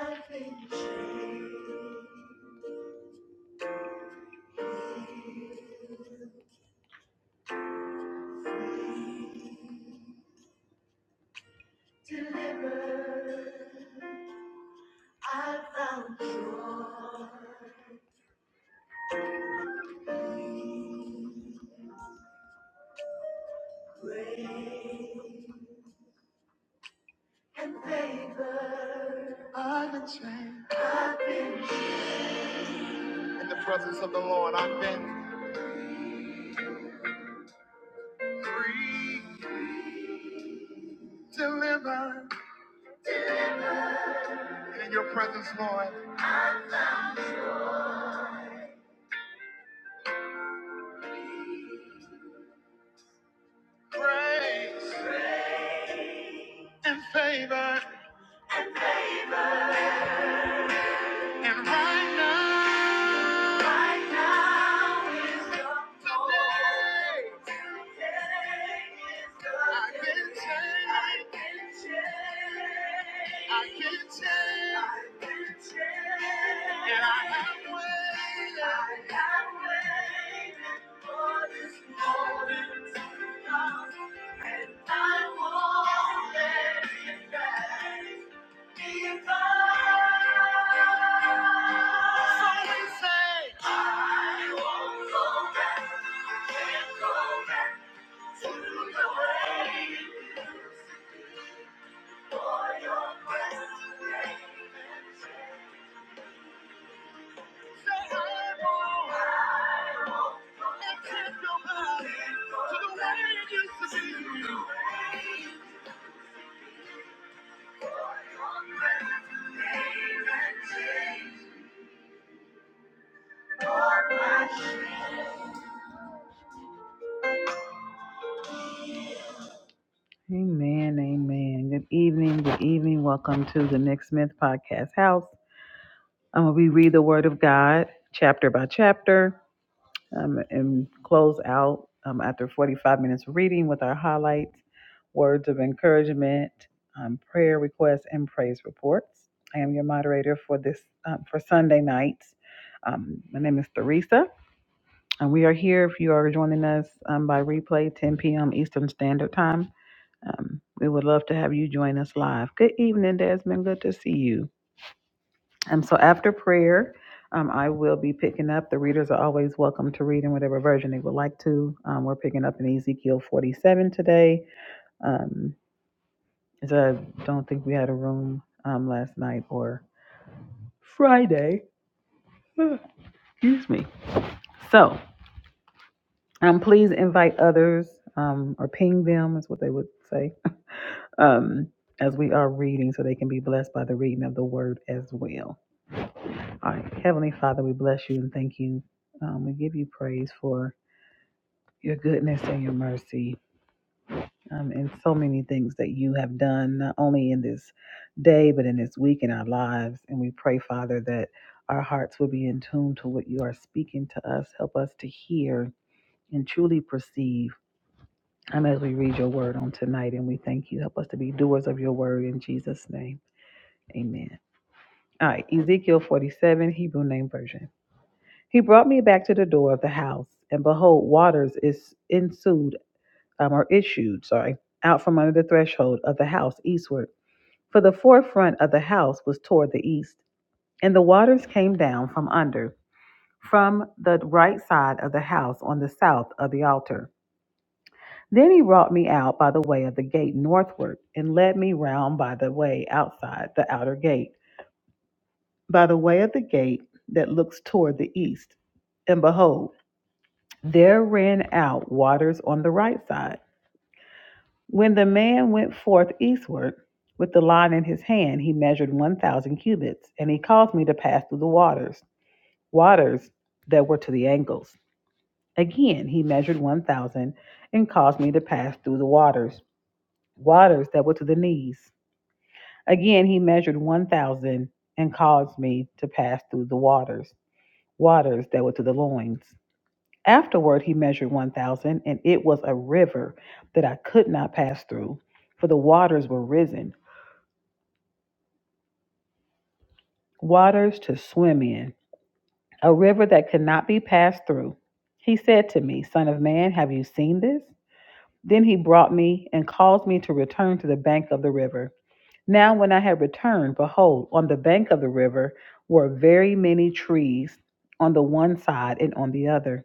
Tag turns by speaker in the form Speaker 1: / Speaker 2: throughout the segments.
Speaker 1: I can live. I found you and favor. I'm in chains. In the presence of the Lord, I've been delivered. In your presence, Lord, grace and favor. And right now, right now is the Today is the I can day. change. I can change. I can change. And I have waited. I have waited for this moment to come. And I won't let it pass. Thank you. Amen, amen. Good evening, good evening. Welcome to the Nick Smith Podcast House. Um, we read the Word of God chapter by chapter um, and close out um, after 45 minutes of reading with our highlights, words of encouragement, um, prayer requests, and praise reports. I am your moderator for this um, for Sunday nights. Um, my name is Theresa, and we are here if you are joining us um, by replay, 10 p.m. Eastern Standard Time. Um, we would love to have you join us live. Good evening, Desmond. Good to see you. Um, so after prayer, um, I will be picking up. The readers are always welcome to read in whatever version they would like to. Um, we're picking up in Ezekiel 47 today. Um, so I don't think we had a room um, last night or Friday. Excuse me. So um, please invite others um, or ping them, is what they would say, um, as we are reading, so they can be blessed by the reading of the word as well. All right. Heavenly Father, we bless you and thank you. Um, we give you praise for your goodness and your mercy um, and so many things that you have done, not only in this day, but in this week in our lives. And we pray, Father, that our hearts will be in tune to what you are speaking to us. Help us to hear and truly perceive um, as we read your word on tonight. And we thank you. Help us to be doers of your word in Jesus' name. Amen. All right. Ezekiel 47, Hebrew Name Version. He brought me back to the door of the house, and behold, waters is ensued, um, or issued, sorry, out from under the threshold of the house eastward. For the forefront of the house was toward the east, and the waters came down from under, from the right side of the house on the south of the altar. Then he brought me out by the way of the gate northward, and led me round by the way outside the outer gate, by the way of the gate that looks toward the east. And behold, There ran out waters on the right side. When the man went forth eastward with the line in his hand, he measured 1,000 cubits, and he caused me to pass through the waters, waters that were to the ankles. Again, he measured 1,000 and caused me to pass through the waters, waters that were to the knees. Again, he measured 1,000 and caused me to pass through the waters, waters that were to the loins. Afterward, he measured 1,000, and it was a river that I could not pass through, for the waters were risen, waters to swim in, a river that could not be passed through. He said to me, Son of man, have you seen this? Then he brought me and caused me to return to the bank of the river. Now, when I had returned, behold, on the bank of the river were very many trees on the one side and on the other.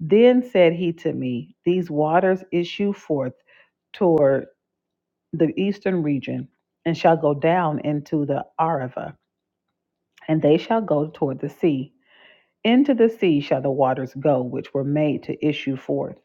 Speaker 1: Then said he to me, These waters issue forth toward." the eastern region, and shall go down into the Arava, and they shall go toward the sea. Into the sea shall the waters go, which were made to issue forth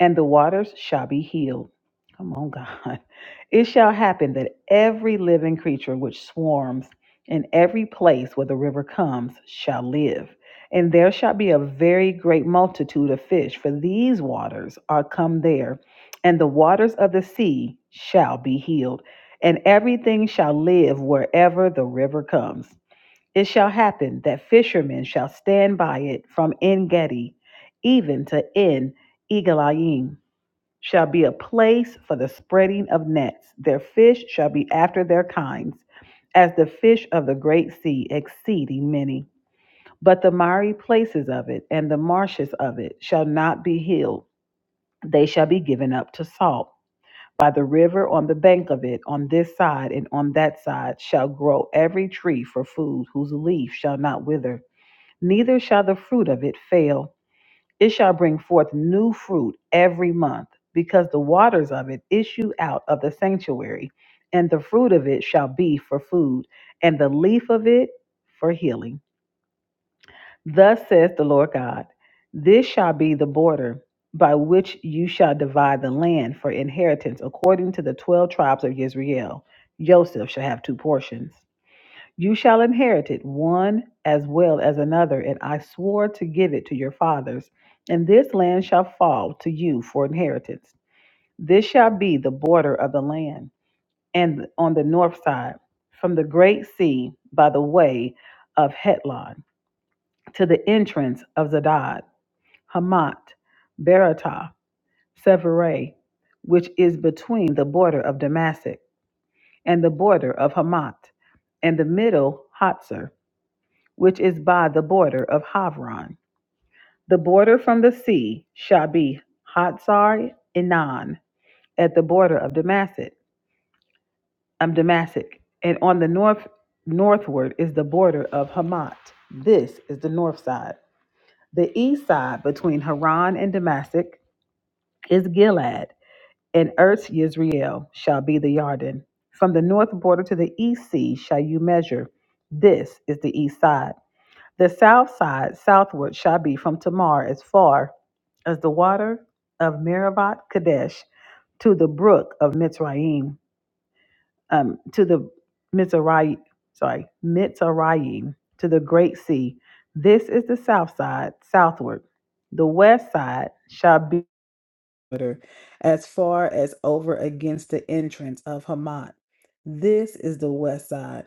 Speaker 1: and the waters shall be healed. Come on, God. It shall happen that every living creature which swarms in every place where the river comes shall live. And there shall be a very great multitude of fish, for these waters are come there, and the waters of the sea shall be healed. And everything shall live wherever the river comes. It shall happen that fishermen shall stand by it from En Gedi even to En Egalayim shall be a place for the spreading of nets. Their fish shall be after their kinds, as the fish of the great sea, exceeding many. But the miry places of it and the marshes of it shall not be healed. They shall be given up to salt. By the river on the bank of it, on this side and on that side, shall grow every tree for food, whose leaf shall not wither, neither shall the fruit of it fail. It shall bring forth new fruit every month, because the waters of it issue out of the sanctuary, and the fruit of it shall be for food, and the leaf of it for healing. Thus says the Lord God This shall be the border by which you shall divide the land for inheritance according to the twelve tribes of Israel. Joseph shall have two portions. You shall inherit it, one as well as another, and I swore to give it to your fathers. And this land shall fall to you for inheritance. This shall be the border of the land, and on the north side, from the great sea by the way of Hetlon to the entrance of Zadad, Hamat, Beratah, Severay, which is between the border of Damascus and the border of Hamat, and the middle Hatzor. which is by the border of Havron. The border from the sea shall be Hatzar Enan at the border of Damascus, um, Damascus, and on the north northward is the border of Hamat. This is the north side. The east side between Haran and Damascus is Gilad, and Earth's Yisrael shall be the Yarden. From the north border to the east sea shall you measure. This is the east side. The south side southward shall be from Tamar as far as the water of Meribah Kadesh to the brook of Mitzrayim, um, to the Mitzrayim, sorry, Mitzrayim, to the great sea. This is the south side southward. The west side shall be water as far as over against the entrance of Hamat. This is the west side.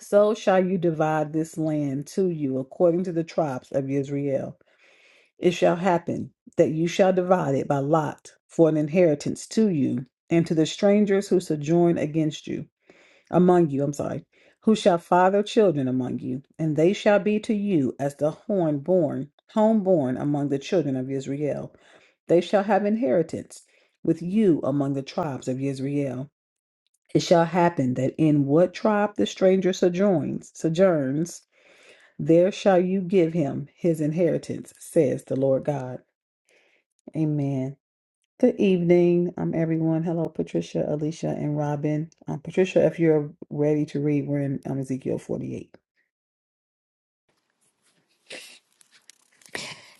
Speaker 1: So shall you divide this land to you according to the tribes of Israel. It shall happen that you shall divide it by lot for an inheritance to you and to the strangers who sojourn against you, among you, I'm sorry, who shall father children among you, and they shall be to you as the horn born, home born among the children of Israel. They shall have inheritance with you among the tribes of Israel. It shall happen that in what tribe the stranger sojourns, sojourns, there shall you give him his inheritance, says the Lord God. Amen. Good evening, um, everyone. Hello, Patricia, Alicia, and Robin. Um, Patricia, if you're ready to read, we're in um, Ezekiel 48.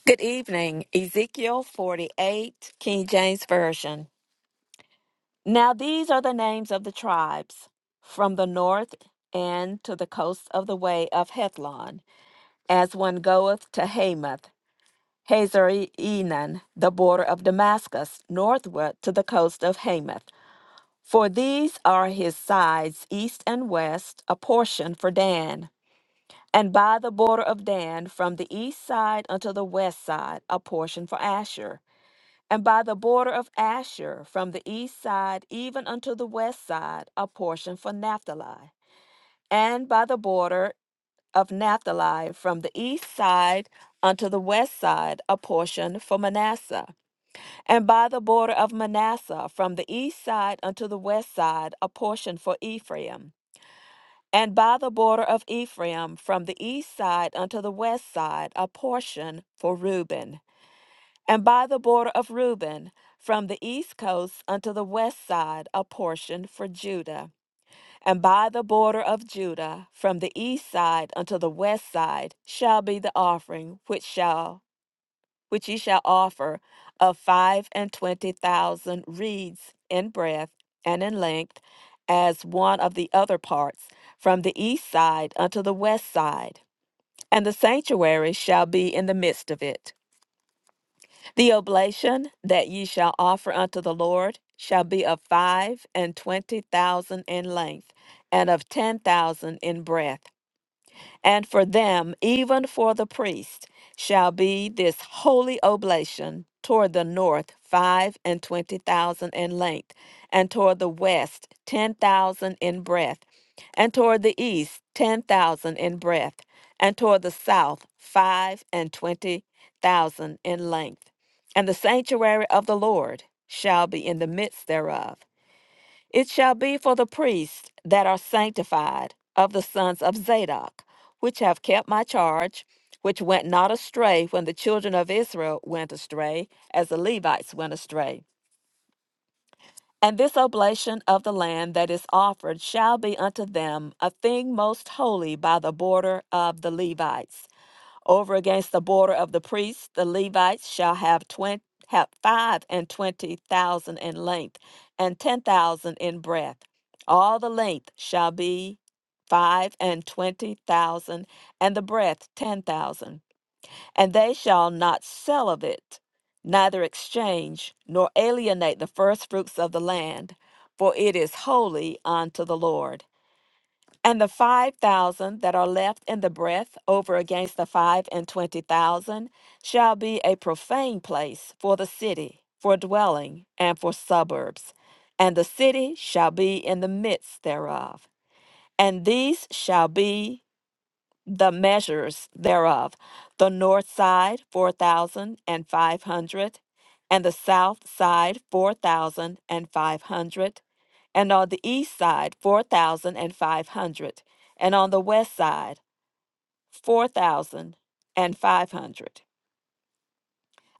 Speaker 2: Good evening. Ezekiel 48, King James Version. Now these are the names of the tribes from the north and to the coast of the way of Hethlon, as one goeth to Hamath, Hazar Enan, the border of Damascus, northward to the coast of Hamath. For these are his sides east and west, a portion for Dan. And by the border of Dan, from the east side unto the west side, a portion for Asher And by the border of Asher, from the east side even unto the west side, a portion for Naphtali. And by the border of Naphtali, from the east side unto the west side, a portion for Manasseh. And by the border of Manasseh, from the east side unto the west side, a portion for Ephraim. And by the border of Ephraim, from the east side unto the west side, a portion for Reuben. And by the border of Reuben, from the east coast unto the west side, a portion for Judah. And by the border of Judah, from the east side unto the west side, shall be the offering which shall which ye shall offer of five and twenty thousand reeds in breadth and in length, as one of the other parts, from the east side unto the west side. And the sanctuary shall be in the midst of it. The oblation that ye shall offer unto the Lord shall be of five and twenty thousand in length, and of ten thousand in breadth. And for them, even for the priest, shall be this holy oblation toward the north five and twenty thousand in length, and toward the west ten thousand in breadth, and toward the east ten thousand in breadth, and toward the south five and twenty thousand in length. And the sanctuary of the Lord shall be in the midst thereof. It shall be for the priests that are sanctified of the sons of Zadok, which have kept my charge, which went not astray when the children of Israel went astray, as the Levites went astray. And this oblation of the land that is offered shall be unto them a thing most holy by the border of the Levites. Over against the border of the priests, the Levites shall have twenty have five and twenty thousand in length, and ten thousand in breadth. All the length shall be five and twenty thousand, and the breadth ten thousand. And they shall not sell of it, neither exchange, nor alienate the first fruits of the land, for it is holy unto the Lord. And the five thousand that are left in the breath over against the five and twenty thousand shall be a profane place for the city, for dwelling, and for suburbs. And the city shall be in the midst thereof. And these shall be the measures thereof the north side four thousand and five hundred and the south side four thousand and five hundred and on the east side four thousand and five hundred and on the west side four thousand and five hundred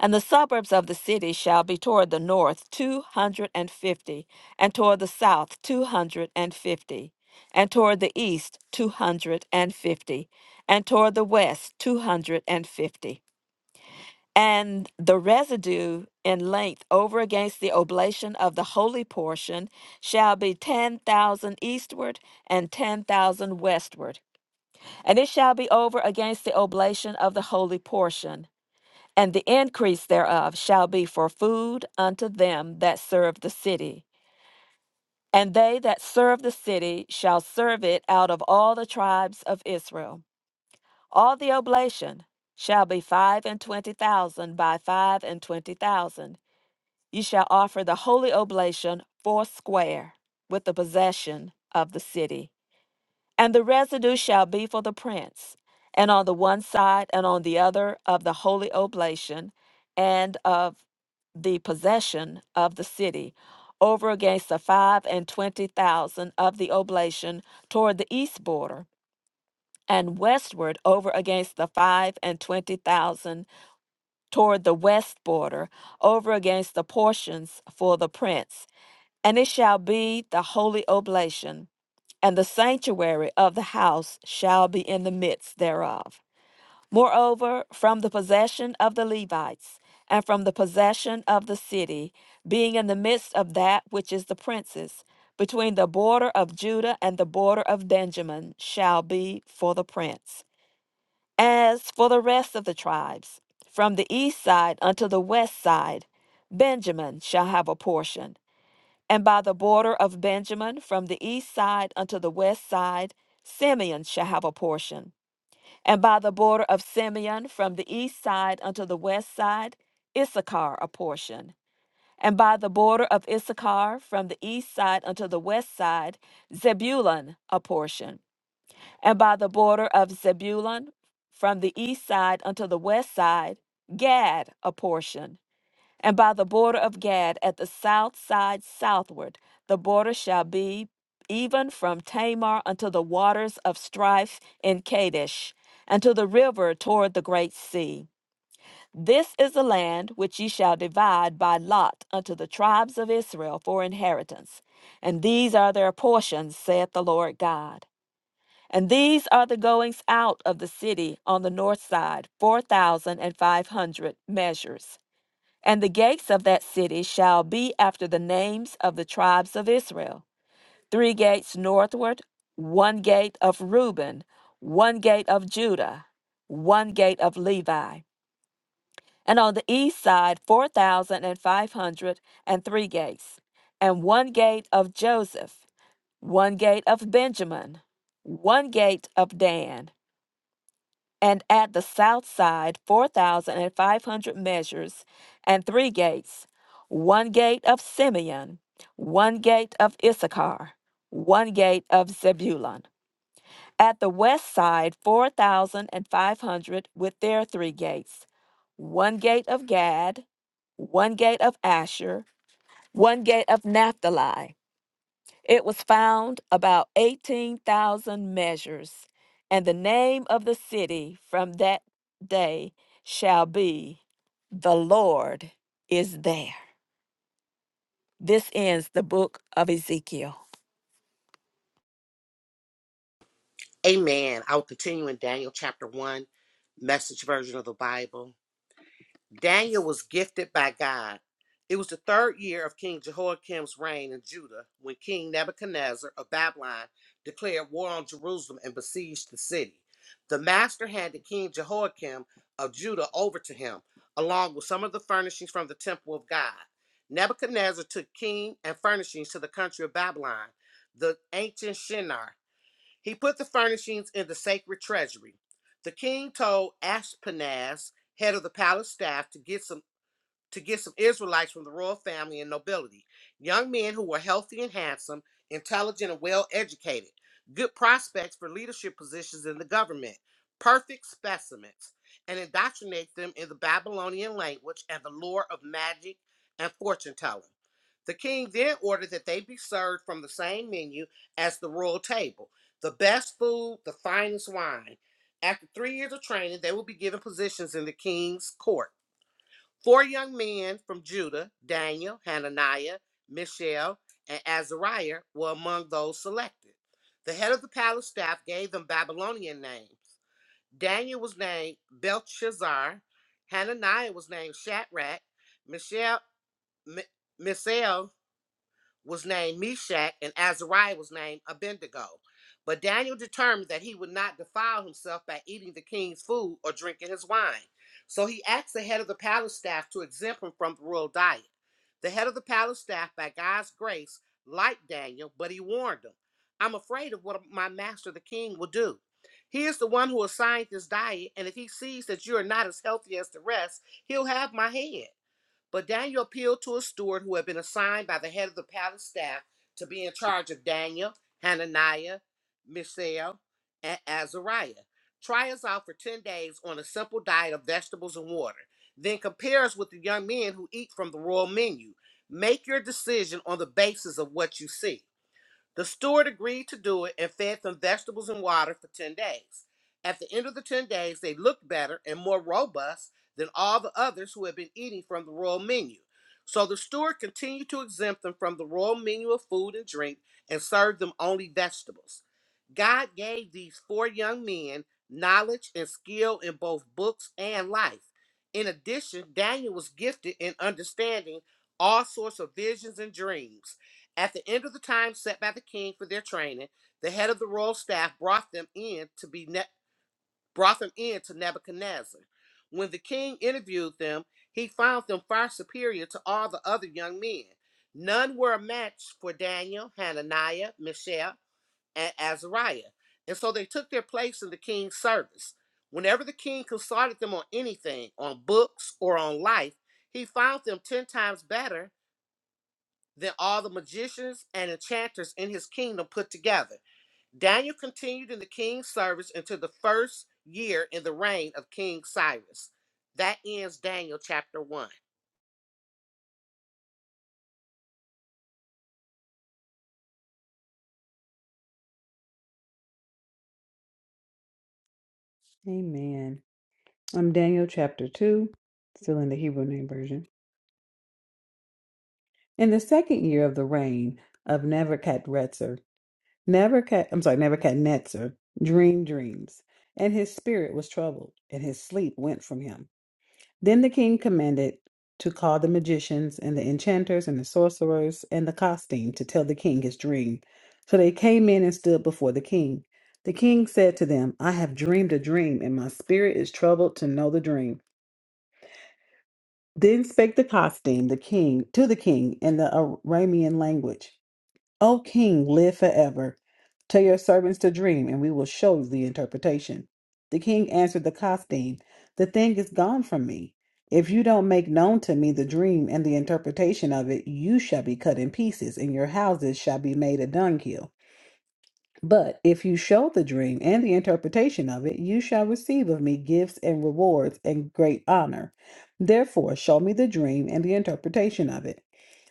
Speaker 2: and the suburbs of the city shall be toward the north two hundred and fifty, and toward the south two hundred and fifty, and toward the east two hundred and fifty, and toward the west two hundred and fifty. And the residue in length over against the oblation of the holy portion shall be ten thousand eastward and ten thousand westward. And it shall be over against the oblation of the holy portion and the increase thereof shall be for food unto them that serve the city. And they that serve the city shall serve it out of all the tribes of Israel. All the oblation shall be five and twenty thousand by five and twenty thousand. Ye shall offer the holy oblation foursquare with the possession of the city. And the residue shall be for the prince, and on the one side and on the other of the holy oblation and of the possession of the city, over against the five and twenty thousand of the oblation toward the east border, and westward over against the five and twenty thousand toward the west border, over against the portions for the prince. And it shall be the holy oblation, and the sanctuary of the house shall be in the midst thereof. Moreover, from the possession of the Levites, and from the possession of the city, being in the midst of that which is the prince's, between the border of Judah and the border of Benjamin, shall be for the prince. As for the rest of the tribes, from the east side unto the west side, Benjamin shall have a portion and by the border of Benjamin, from the east side unto the west side, Simeon shall have a portion. And by the border of Simeon, from the east side unto the west side, Issachar a portion. And by the border of Issachar, from the east side unto the west side, Zebulun a portion. And by the border of Zebulun, from the east side unto the west side, Gad a portion. And by the border of Gad at the south side southward, the border shall be even from Tamar unto the waters of strife in Kadesh, unto the river toward the great sea. This is the land which ye shall divide by lot unto the tribes of Israel for inheritance. And these are their portions, saith the Lord God. And these are the goings out of the city on the north side, four thousand and five hundred measures. And the gates of that city shall be after the names of the tribes of Israel three gates northward, one gate of Reuben, one gate of Judah, one gate of Levi. And on the east side, 4,503 gates, and one gate of Joseph, one gate of Benjamin, one gate of Dan, and at the south side four thousand and five hundred measures, and three gates, one gate of Simeon, one gate of Issachar, one gate of Zebulun. At the west side four thousand and five hundred with their three gates, one gate of Gad, one gate of Asher, one gate of Naphtali, it was found about 18,000 measures, and the name of the city from that day shall be The Lord is There. This ends the book of Ezekiel.
Speaker 3: Amen. I will continue in Daniel chapter 1, message version of the Bible. Daniel was gifted by God. It was the third year of King Jehoiakim's reign in Judah when King Nebuchadnezzar of Babylon declared war on Jerusalem and besieged the city. The master handed King Jehoiakim of Judah over to him, along with some of the furnishings from the temple of God. Nebuchadnezzar took king and furnishings to the country of Babylon, the ancient Shinar. He put the furnishings in the sacred treasury. The king told Ashpenaz, head of the palace staff, to get some to get some Israelites from the royal family and nobility, young men who were healthy and handsome, intelligent and well educated, good prospects for leadership positions in the government, perfect specimens, and indoctrinate them in the Babylonian language and the lore of magic and fortune telling. The king then ordered that they be served from the same menu as the royal table the best food, the finest wine. After three years of training, they will be given positions in the king's court Four young men from Judah, Daniel, Hananiah, Mishael, and Azariah, were among those selected. The head of the palace staff gave them Babylonian names. Daniel was named Belshazzar, Hananiah was named Shadrach, Mishael, M- Misael was named Meshach and Azariah was named Abednego. But Daniel determined that he would not defile himself by eating the king's food or drinking his wine. So he asked the head of the palace staff to exempt him from the royal diet. The head of the palace staff, by God's grace, liked Daniel, but he warned him I'm afraid of what my master, the king, will do. He is the one who assigned this diet, and if he sees that you are not as healthy as the rest, he'll have my head. But Daniel appealed to a steward who had been assigned by the head of the palace staff to be in charge of Daniel, Hananiah, Mishael, and Azariah. Try us out for 10 days on a simple diet of vegetables and water. Then compare us with the young men who eat from the royal menu. Make your decision on the basis of what you see. The steward agreed to do it and fed them vegetables and water for 10 days. At the end of the 10 days, they looked better and more robust than all the others who had been eating from the royal menu. So the steward continued to exempt them from the royal menu of food and drink and served them only vegetables. God gave these four young men knowledge and skill in both books and life. In addition, Daniel was gifted in understanding all sorts of visions and dreams. At the end of the time set by the king for their training, the head of the royal staff brought them in to be ne- brought them in to Nebuchadnezzar. When the king interviewed them, he found them far superior to all the other young men. None were a match for Daniel, Hananiah, Mishael, and Azariah. And so they took their place in the king's service. Whenever the king consulted them on anything, on books or on life, he found them ten times better than all the magicians and enchanters in his kingdom put together. Daniel continued in the king's service until the first year in the reign of King Cyrus. That ends Daniel chapter 1.
Speaker 1: Amen. I'm Daniel chapter 2, still in the Hebrew name version. In the second year of the reign of Nebuchadrezzar, Nebuchad, I'm sorry, Nebuchadnezzar dreamed dreams, and his spirit was troubled, and his sleep went from him. Then the king commanded to call the magicians and the enchanters and the sorcerers and the costume to tell the king his dream. So they came in and stood before the king. The king said to them, I have dreamed a dream, and my spirit is troubled to know the dream. Then spake the costume, the king, to the king in the Aramean language. O king, live forever. Tell your servants to dream, and we will show the interpretation. The king answered the Kostim, The thing is gone from me. If you don't make known to me the dream and the interpretation of it, you shall be cut in pieces, and your houses shall be made a dunghill. But if you show the dream and the interpretation of it, you shall receive of me gifts and rewards and great honor. Therefore, show me the dream and the interpretation of it.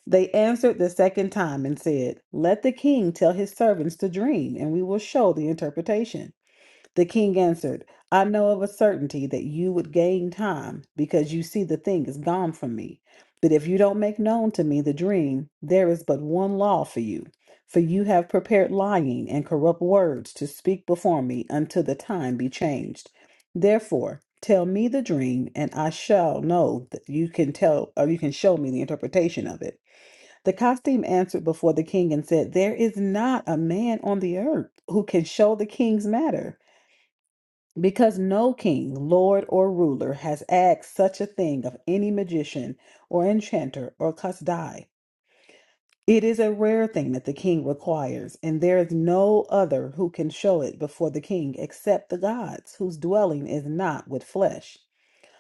Speaker 1: They answered the second time and said, Let the king tell his servants the dream, and we will show the interpretation. The king answered, I know of a certainty that you would gain time because you see the thing is gone from me. But if you don't make known to me the dream, there is but one law for you. For you have prepared lying and corrupt words to speak before me until the time be changed. Therefore, tell me the dream, and I shall know that you can tell or you can show me the interpretation of it. The costume answered before the king and said, There is not a man on the earth who can show the king's matter. Because no king, lord, or ruler has asked such a thing of any magician or enchanter or kasdai. It is a rare thing that the king requires, and there is no other who can show it before the king except the gods, whose dwelling is not with flesh.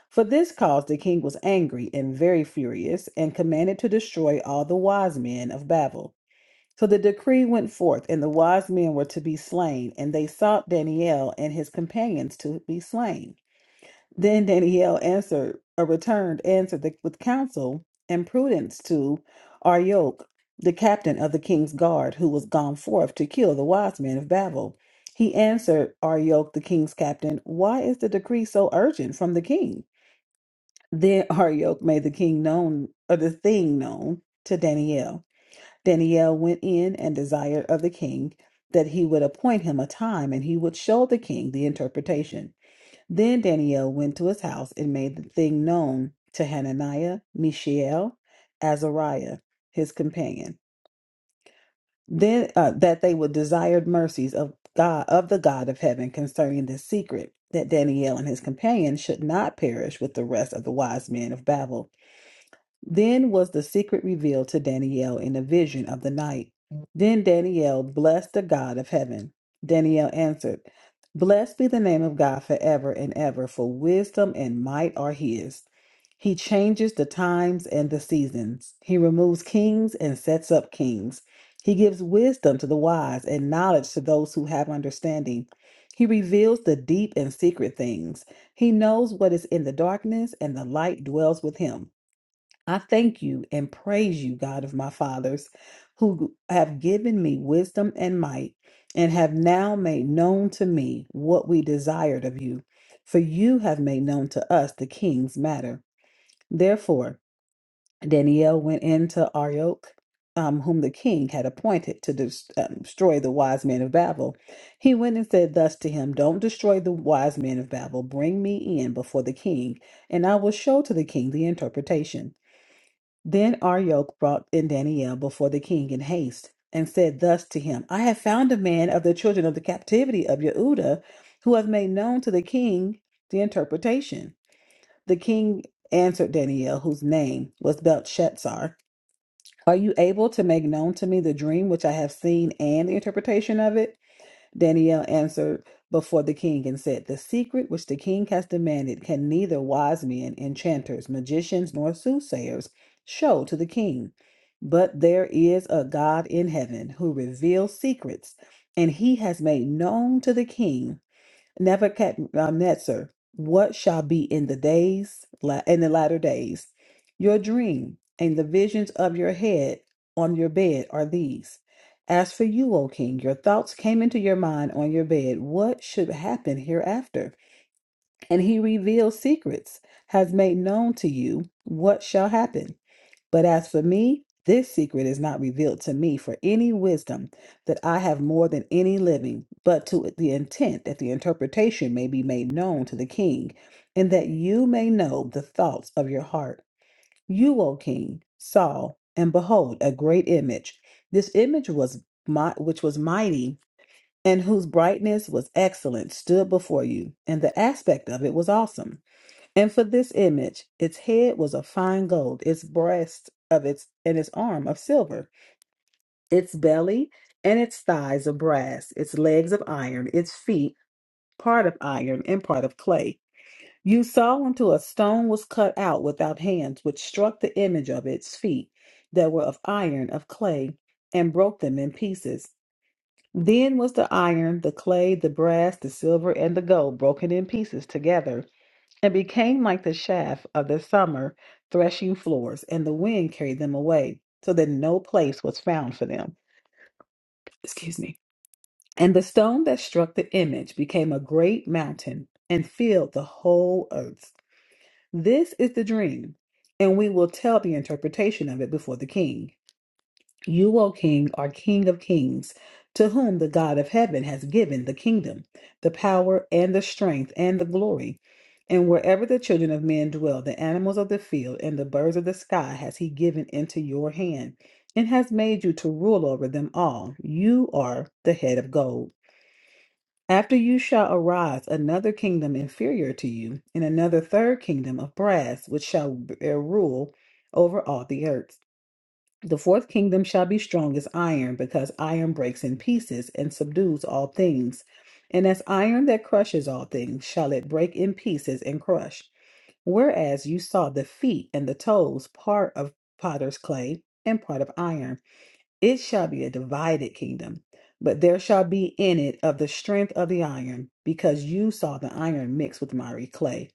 Speaker 1: For this cause the king was angry and very furious, and commanded to destroy all the wise men of Babel. So the decree went forth, and the wise men were to be slain, and they sought Daniel and his companions to be slain. Then Daniel answered or returned answered the, with counsel and prudence to Arioch, the captain of the king's guard, who was gone forth to kill the wise men of Babel. He answered Arioch, the king's captain, Why is the decree so urgent from the king? Then Arioch made the king known or the thing known to Daniel. Daniel went in and desired of the king that he would appoint him a time and he would show the king the interpretation. Then Daniel went to his house and made the thing known to Hananiah, Mishael, Azariah, his companion. Then uh, that they would desired mercies of God of the God of heaven concerning this secret, that Daniel and his companion should not perish with the rest of the wise men of Babel then was the secret revealed to Daniel in a vision of the night. Then Daniel blessed the God of heaven. Daniel answered, Blessed be the name of God forever and ever, for wisdom and might are his. He changes the times and the seasons. He removes kings and sets up kings. He gives wisdom to the wise and knowledge to those who have understanding. He reveals the deep and secret things. He knows what is in the darkness, and the light dwells with him. I thank you and praise you, God of my fathers, who have given me wisdom and might, and have now made known to me what we desired of you. For you have made known to us the king's matter. Therefore, Daniel went in to Arioch, um, whom the king had appointed to des- um, destroy the wise men of Babel. He went and said thus to him, Don't destroy the wise men of Babel. Bring me in before the king, and I will show to the king the interpretation. Then Arioch brought in Daniel before the king in haste, and said thus to him, I have found a man of the children of the captivity of Yehuda, who hath made known to the king the interpretation. The king answered Daniel, whose name was Belshazzar, Are you able to make known to me the dream which I have seen and the interpretation of it? Daniel answered before the king and said, The secret which the king has demanded can neither wise men, enchanters, magicians, nor soothsayers show to the king. But there is a God in heaven who reveals secrets, and he has made known to the king Nebuchadnezzar, what shall be in the days, la- in the latter days? Your dream and the visions of your head on your bed are these. As for you, O king, your thoughts came into your mind on your bed. What should happen hereafter? And he reveals secrets, has made known to you what shall happen. But as for me, this secret is not revealed to me for any wisdom that I have more than any living, but to the intent that the interpretation may be made known to the king, and that you may know the thoughts of your heart. You, O king, saw, and behold, a great image. This image was my, which was mighty, and whose brightness was excellent, stood before you, and the aspect of it was awesome. And for this image, its head was of fine gold, its breast of its and its arm of silver, its belly and its thighs of brass, its legs of iron, its feet part of iron and part of clay. You saw until a stone was cut out without hands, which struck the image of its feet that were of iron of clay, and broke them in pieces. Then was the iron, the clay, the brass, the silver, and the gold broken in pieces together and became like the chaff of the summer threshing floors, and the wind carried them away, so that no place was found for them. Excuse me. And the stone that struck the image became a great mountain and filled the whole earth. This is the dream, and we will tell the interpretation of it before the king. You, O King, are King of kings, to whom the God of heaven has given the kingdom, the power, and the strength, and the glory. And wherever the children of men dwell, the animals of the field and the birds of the sky has he given into your hand, and has made you to rule over them all. You are the head of gold. After you shall arise another kingdom inferior to you, and another third kingdom of brass, which shall bear rule over all the earth. The fourth kingdom shall be strong as iron, because iron breaks in pieces and subdues all things. And as iron that crushes all things, shall it break in pieces and crush. Whereas you saw the feet and the toes, part of potter's clay and part of iron, it shall be a divided kingdom. But there shall be in it of the strength of the iron, because you saw the iron mixed with miry clay.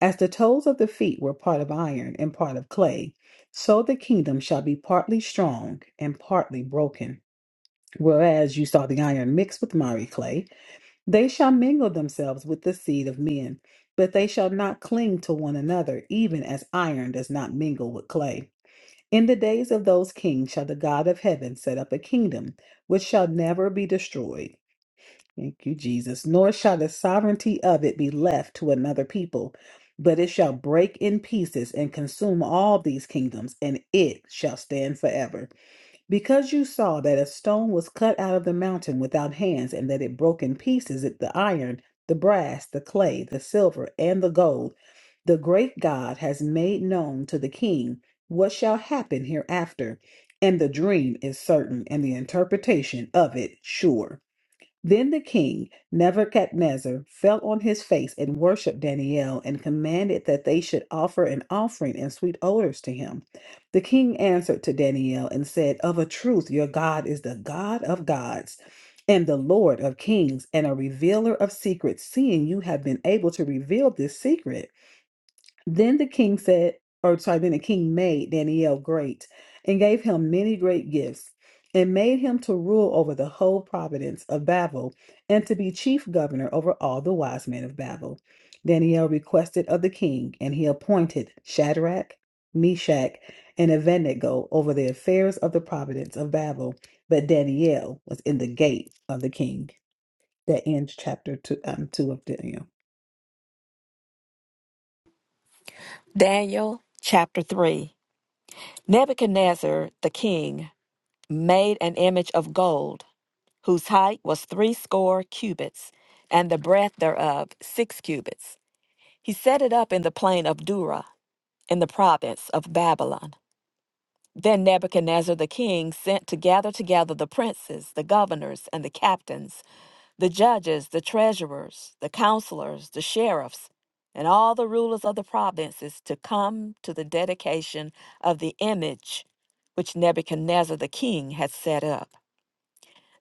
Speaker 1: As the toes of the feet were part of iron and part of clay, so the kingdom shall be partly strong and partly broken. Whereas you saw the iron mixed with miry clay, they shall mingle themselves with the seed of men, but they shall not cling to one another, even as iron does not mingle with clay. In the days of those kings shall the God of heaven set up a kingdom which shall never be destroyed Thank you, Jesus. Nor shall the sovereignty of it be left to another people, but it shall break in pieces and consume all these kingdoms, and it shall stand forever. Because you saw that a stone was cut out of the mountain without hands, and that it broke in pieces it- the iron, the brass, the clay, the silver, and the gold, the great God has made known to the king what shall happen hereafter. And the dream is certain, and the interpretation of it sure. Then the king, Nebuchadnezzar, fell on his face and worshiped Daniel and commanded that they should offer an offering and sweet odors to him. The king answered to Daniel and said, Of a truth, your God is the God of gods and the Lord of kings and a revealer of secrets, seeing you have been able to reveal this secret. Then the king said, or sorry, then the king made Daniel great and gave him many great gifts and made him to rule over the whole province of Babel and to be chief governor over all the wise men of Babel. Daniel requested of the king, and he appointed Shadrach, Meshach, and Abednego over the affairs of the province of Babel. But Daniel was in the gate of the king that ends chapter two, um, two of Daniel.
Speaker 2: Daniel chapter 3. Nebuchadnezzar the king made an image of gold, whose height was threescore cubits, and the breadth thereof six cubits. He set it up in the plain of Dura, in the province of Babylon Then Nebuchadnezzar the king sent to gather together the princes, the governors, and the captains, the judges, the treasurers, the counselors, the sheriffs, and all the rulers of the provinces to come to the dedication of the image which Nebuchadnezzar the king had set up.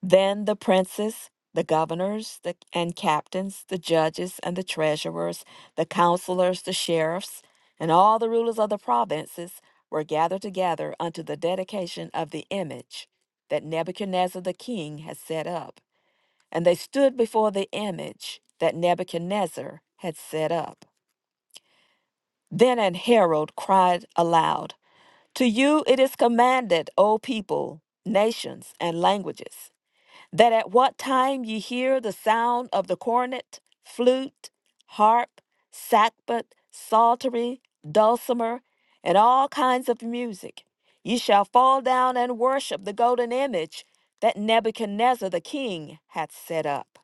Speaker 2: Then the princes, the governors, the, and captains, the judges, and the treasurers, the counselors, the sheriffs, and all the rulers of the provinces were gathered together unto the dedication of the image that Nebuchadnezzar the king had set up. And they stood before the image that Nebuchadnezzar had set up. Then an herald cried aloud, To you it is commanded, O people, nations, and languages that at what time ye hear the sound of the cornet, flute, harp, sackbut, psaltery, dulcimer, and all kinds of music, ye shall fall down and worship the golden image that Nebuchadnezzar the king hath set up.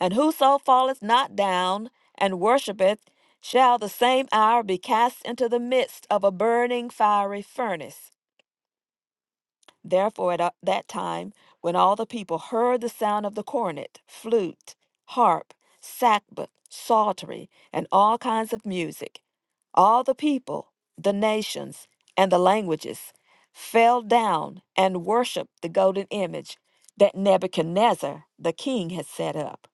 Speaker 2: And whoso falleth not down and worshipeth shall the same hour be cast into the midst of a burning fiery furnace. Therefore, at uh, that time, when all the people heard the sound of the cornet, flute, harp, sackbut, psaltery, and all kinds of music, all the people, the nations, and the languages fell down and worshiped the golden image that Nebuchadnezzar the king had set up.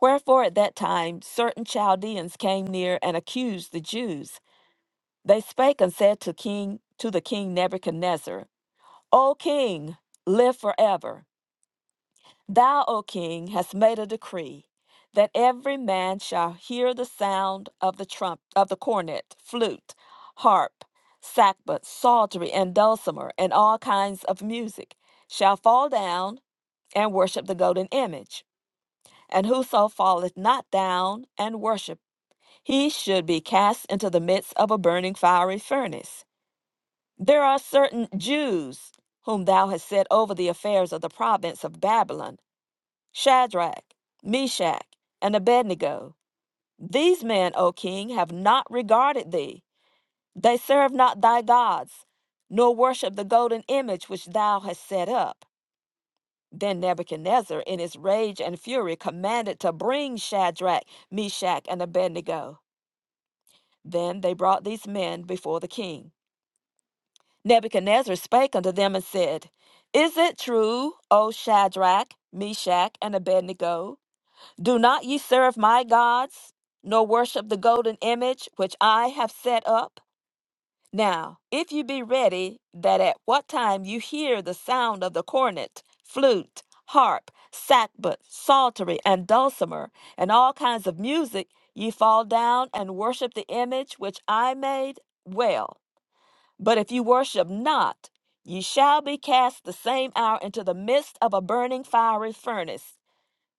Speaker 2: Wherefore, at that time, certain Chaldeans came near and accused the Jews. They spake and said to king to the king Nebuchadnezzar. O king, live forever. Thou, O king, hast made a decree that every man shall hear the sound of the trump, of the cornet, flute, harp, sackbut, psaltery, and dulcimer, and all kinds of music, shall fall down and worship the golden image. And whoso falleth not down and worship, he should be cast into the midst of a burning fiery furnace. There are certain Jews whom thou hast set over the affairs of the province of Babylon Shadrach, Meshach, and Abednego. These men, O king, have not regarded thee. They serve not thy gods, nor worship the golden image which thou hast set up. Then Nebuchadnezzar, in his rage and fury, commanded to bring Shadrach, Meshach, and Abednego. Then they brought these men before the king. Nebuchadnezzar spake unto them and said, Is it true, O Shadrach, Meshach, and Abednego? Do not ye serve my gods, nor worship the golden image which I have set up? Now, if you be ready, that at what time you hear the sound of the cornet, flute, harp, sackbut, psaltery, and dulcimer, and all kinds of music, ye fall down and worship the image which I made, well. But if you worship not, ye shall be cast the same hour into the midst of a burning fiery furnace.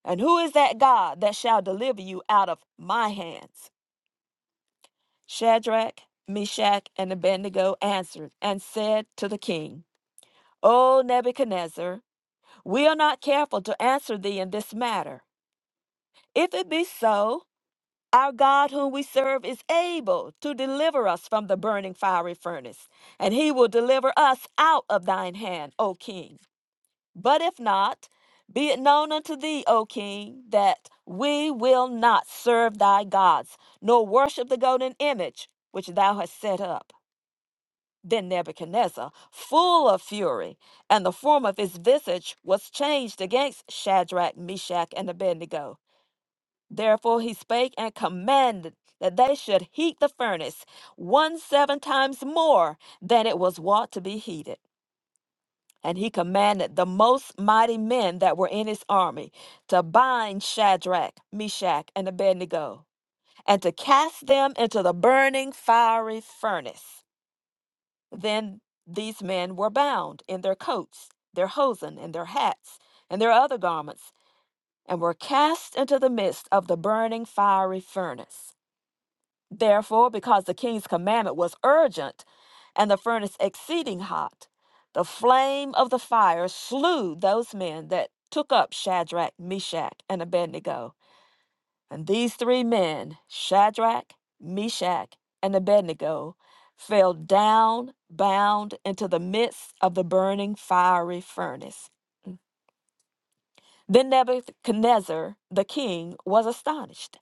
Speaker 2: And who is that God that shall deliver you out of my hands? Shadrach, Meshach, and Abednego answered and said to the king, O Nebuchadnezzar, we are not careful to answer thee in this matter. If it be so, our God whom we serve is able to deliver us from the burning fiery furnace, and he will deliver us out of thine hand, O king. But if not, be it known unto thee, O king, that we will not serve thy gods, nor worship the golden image which thou hast set up. Then Nebuchadnezzar, full of fury, and the form of his visage was changed against Shadrach, Meshach, and Abednego. Therefore he spake and commanded that they should heat the furnace one seven times more than it was wont to be heated. And he commanded the most mighty men that were in his army to bind Shadrach, Meshach, and Abednego, and to cast them into the burning fiery furnace. Then these men were bound in their coats, their hosen, and their hats, and their other garments, and were cast into the midst of the burning fiery furnace. Therefore, because the king's commandment was urgent and the furnace exceeding hot, the flame of the fire slew those men that took up Shadrach, Meshach, and Abednego. And these three men, Shadrach, Meshach, and Abednego, fell down bound into the midst of the burning fiery furnace. Then Nebuchadnezzar the king was astonished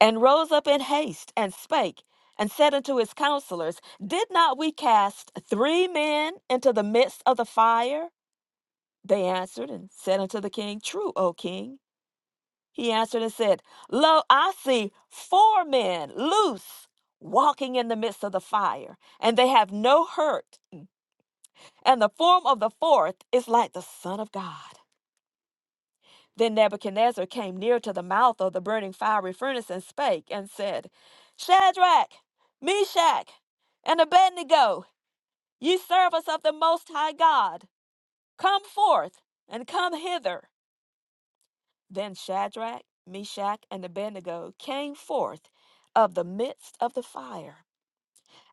Speaker 2: and rose up in haste and spake and said unto his counselors, Did not we cast three men into the midst of the fire? They answered and said unto the king, True, O king. He answered and said, Lo, I see four men loose walking in the midst of the fire, and they have no hurt, and the form of the fourth is like the Son of God. Then Nebuchadnezzar came near to the mouth of the burning fiery furnace and spake and said, Shadrach, Meshach, and Abednego, ye servants of the Most High God, come forth and come hither. Then Shadrach, Meshach, and Abednego came forth of the midst of the fire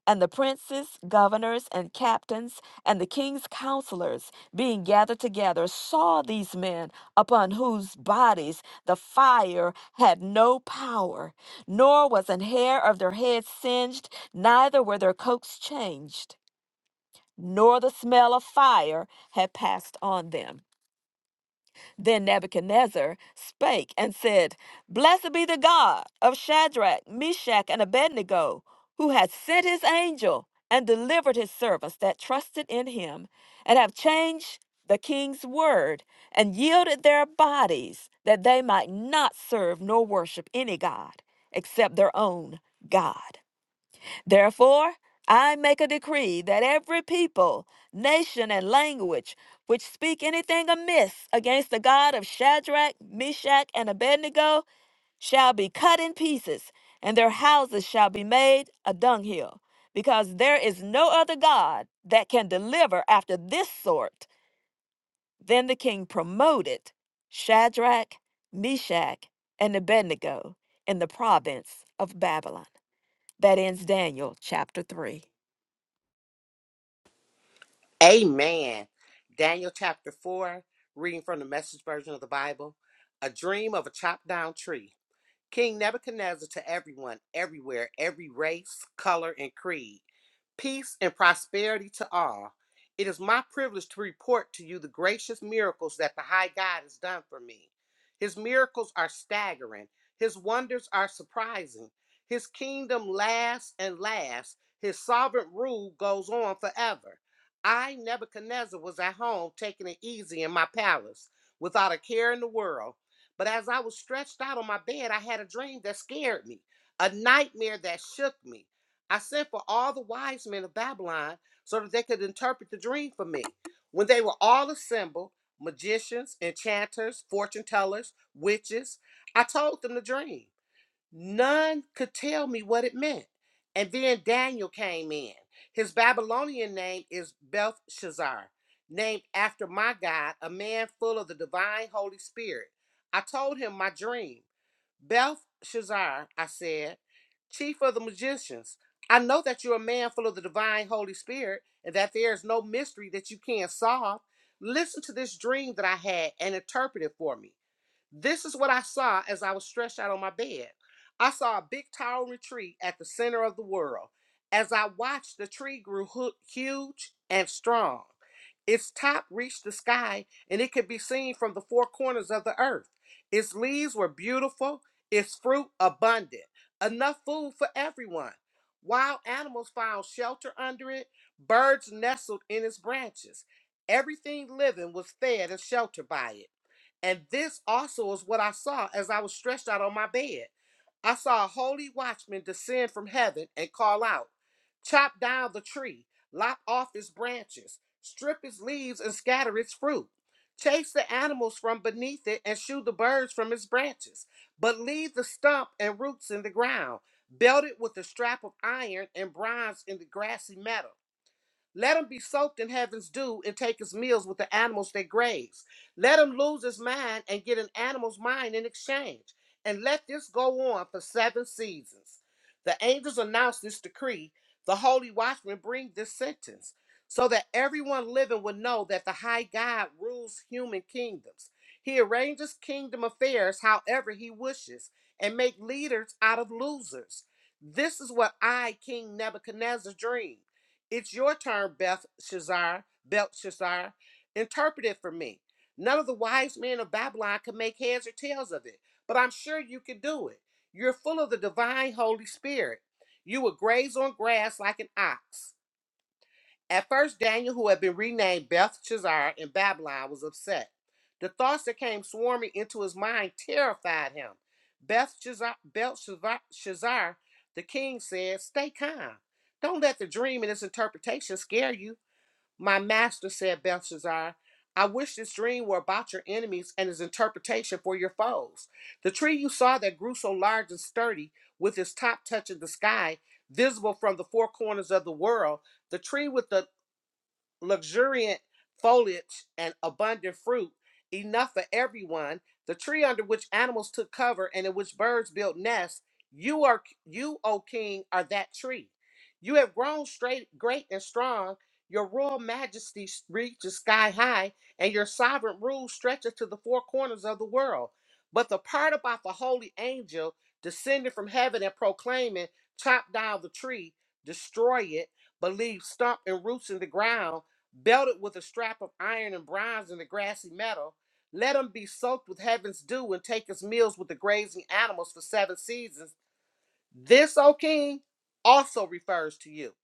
Speaker 2: and the princes, governors, and captains, and the king's counselors, being gathered together, saw these men upon whose bodies the fire had no power, nor was an hair of their heads singed, neither were their coats changed, nor the smell of fire had passed on them. Then Nebuchadnezzar spake and said, Blessed be the God of Shadrach, Meshach, and Abednego, who hath sent his angel and delivered his servants that trusted in him, and have changed the king's word, and yielded their bodies, that they might not serve nor worship any God except their own God. Therefore, I make a decree that every people, nation, and language which speak anything amiss against the God of Shadrach, Meshach, and Abednego shall be cut in pieces, and their houses shall be made a dunghill, because there is no other God that can deliver after this sort. Then the king promoted Shadrach, Meshach, and Abednego in the province of Babylon. That ends Daniel chapter 3.
Speaker 3: Amen. Daniel chapter 4, reading from the message version of the Bible. A dream of a chopped down tree. King Nebuchadnezzar to everyone, everywhere, every race, color, and creed. peace, and prosperity to all. It is my privilege to report to you the gracious miracles that the High God has done for me. His miracles are staggering, His wonders are surprising. His kingdom lasts and lasts, His sovereign rule goes on forever. I, Nebuchadnezzar, was at home taking it easy in my palace without a care in the world. But as I was stretched out on my bed, I had a dream that scared me, a nightmare that shook me. I sent for all the wise men of Babylon so that they could interpret the dream for me. When they were all assembled, magicians, enchanters, fortune tellers, witches, I told them the dream. None could tell me what it meant. And then Daniel came in. His Babylonian name is Belshazzar, named after my God, a man full of the divine Holy Spirit. I told him my dream. Belshazzar, I said, chief of the magicians, I know that you're a man full of the divine Holy Spirit and that there is no mystery that you can't solve. Listen to this dream that I had and interpret it for me. This is what I saw as I was stretched out on my bed. I saw a big towering tree at the center of the world. As I watched, the tree grew huge and strong. Its top reached the sky and it could be seen from the four corners of the earth. Its leaves were beautiful, its fruit abundant, enough food for everyone. Wild animals found shelter under it, birds nestled in its branches. Everything living was fed and sheltered by it. And this also is what I saw as I was stretched out on my bed. I saw a holy watchman descend from heaven and call out, Chop down the tree, lop off its branches, strip its leaves, and scatter its fruit. Chase the animals from beneath it and shoo the birds from its branches. But leave the stump and roots in the ground, belted with a strap of iron and bronze in the grassy meadow. Let him be soaked in heaven's dew and take his meals with the animals they graze. Let him lose his mind and get an animal's mind in exchange. And let this go on for seven seasons. The angels announce this decree. The holy watchmen bring this sentence so that everyone living would know that the high God rules human kingdoms. He arranges kingdom affairs however he wishes and make leaders out of losers. This is what I, King Nebuchadnezzar, dreamed. It's your turn, Beth Shazar, Belshazzar. Interpret it for me. None of the wise men of Babylon could make heads or tails of it, but I'm sure you can do it. You're full of the divine Holy Spirit. You will graze on grass like an ox. At first, Daniel, who had been renamed Belshazzar in Babylon, was upset. The thoughts that came swarming into his mind terrified him. Belshazzar, Belshazzar, Shazar, the king said, Stay calm. Don't let the dream and its interpretation scare you. My master said, Belshazzar, I wish this dream were about your enemies and its interpretation for your foes. The tree you saw that grew so large and sturdy, with its top touching the sky, visible from the four corners of the world, the tree with the luxuriant foliage and abundant fruit, enough for everyone. The tree under which animals took cover and in which birds built nests. You are you, O king, are that tree. You have grown straight, great and strong. Your royal majesty reaches sky high, and your sovereign rule stretches to the four corners of the world. But the part about the holy angel descending from heaven and proclaiming, "Chop down the tree, destroy it, but leave stump and roots in the ground." belted with a strap of iron and bronze in the grassy meadow. Let him be soaked with heaven's dew and take his meals with the grazing animals for seven seasons this, O king, also refers to you.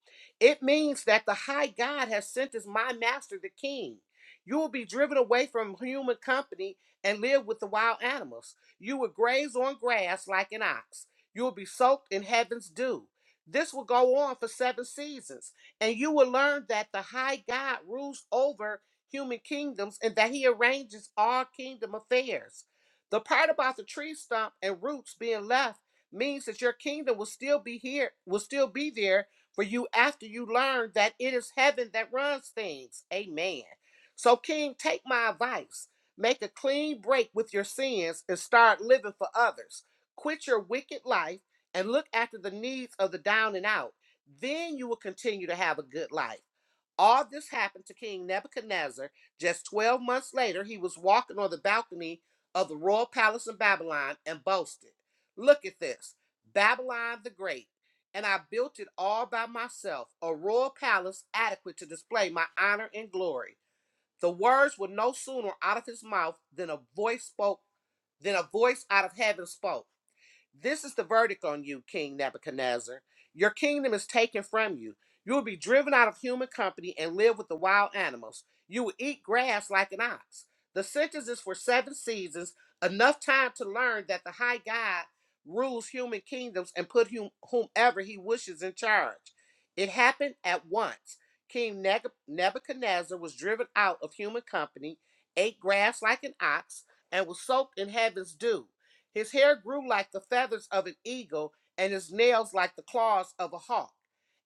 Speaker 3: It means that the high God has sent as my master, the king. You will be driven away from human company and live with the wild animals. You will graze on grass like an ox. You will be soaked in heaven's dew. This will go on for seven seasons, and you will learn that the high God rules over human kingdoms and that he arranges all kingdom affairs. The part about the tree stump and roots being left means that your kingdom will still be here, will still be there for you after you learn that it is heaven that runs things. Amen. So, King, take my advice. Make a clean break with your sins and start living for others. Quit your wicked life and look after the needs of the down and out. Then you will continue to have a good life. All this happened to King Nebuchadnezzar. Just 12 months later, he was walking on the balcony of the royal palace in Babylon and boasted, Look at this Babylon the Great. And I built it all by myself, a royal palace adequate to display my honor and glory. The words were no sooner out of his mouth than a voice spoke, than a voice out of heaven spoke. This is the verdict on you, King Nebuchadnezzar. Your kingdom is taken from you. You will be driven out of human company and live with the wild animals. You will eat grass like an ox. The sentence is for seven seasons, enough time to learn that the high God rules human kingdoms and put whom, whomever he wishes in charge. It happened at once. King Nebuchadnezzar was driven out of human company, ate grass like an ox, and was soaked in heaven's dew. His hair grew like the feathers of an eagle, and his nails like the claws of a hawk.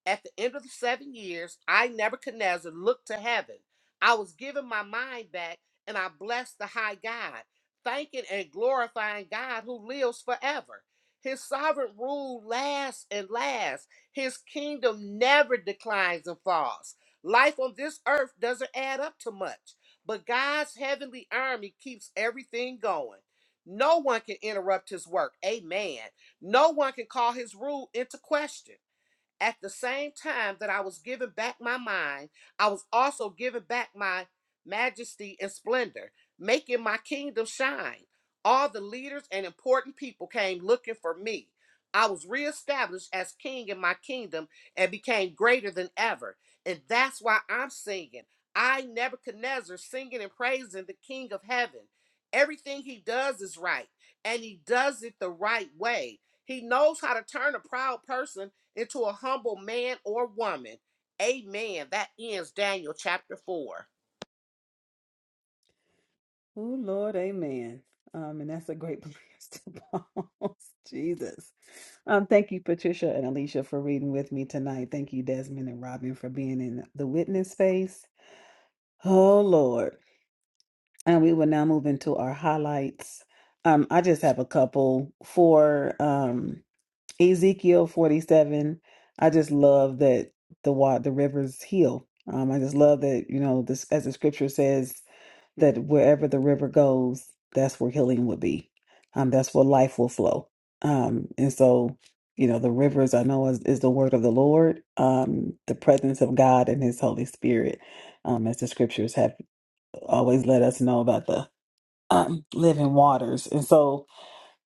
Speaker 3: At the end of the seven years, I, Nebuchadnezzar, looked to heaven. I was given my mind back, and I blessed the high God, thanking and glorifying God who lives forever. His sovereign rule lasts and lasts. His kingdom never declines and falls. Life on this earth doesn't add up to much, but God's heavenly army keeps everything going. No one can interrupt his work. Amen. No one can call his rule into question. At the same time that I was giving back my mind, I was also giving back my majesty and splendor, making my kingdom shine. All the leaders and important people came looking for me. I was reestablished as king in my kingdom and became greater than ever. And that's why I'm singing. I, Nebuchadnezzar, singing and praising the King of heaven. Everything he does is right, and he does it the right way. He knows how to turn a proud person into a humble man or woman. Amen. That ends Daniel chapter 4.
Speaker 1: Oh Lord, Amen. Um, and that's a great place to pause. Jesus. Um, thank you, Patricia and Alicia, for reading with me tonight. Thank you, Desmond and Robin, for being in the witness space. Oh Lord. And we will now move into our highlights. Um, I just have a couple for um, Ezekiel 47. I just love that the wa- the rivers heal. Um, I just love that you know this as the scripture says that wherever the river goes, that's where healing will be. Um, that's where life will flow. Um, and so you know the rivers I know is, is the word of the Lord, um, the presence of God and His Holy Spirit, um, as the scriptures have always let us know about the um, living waters. And so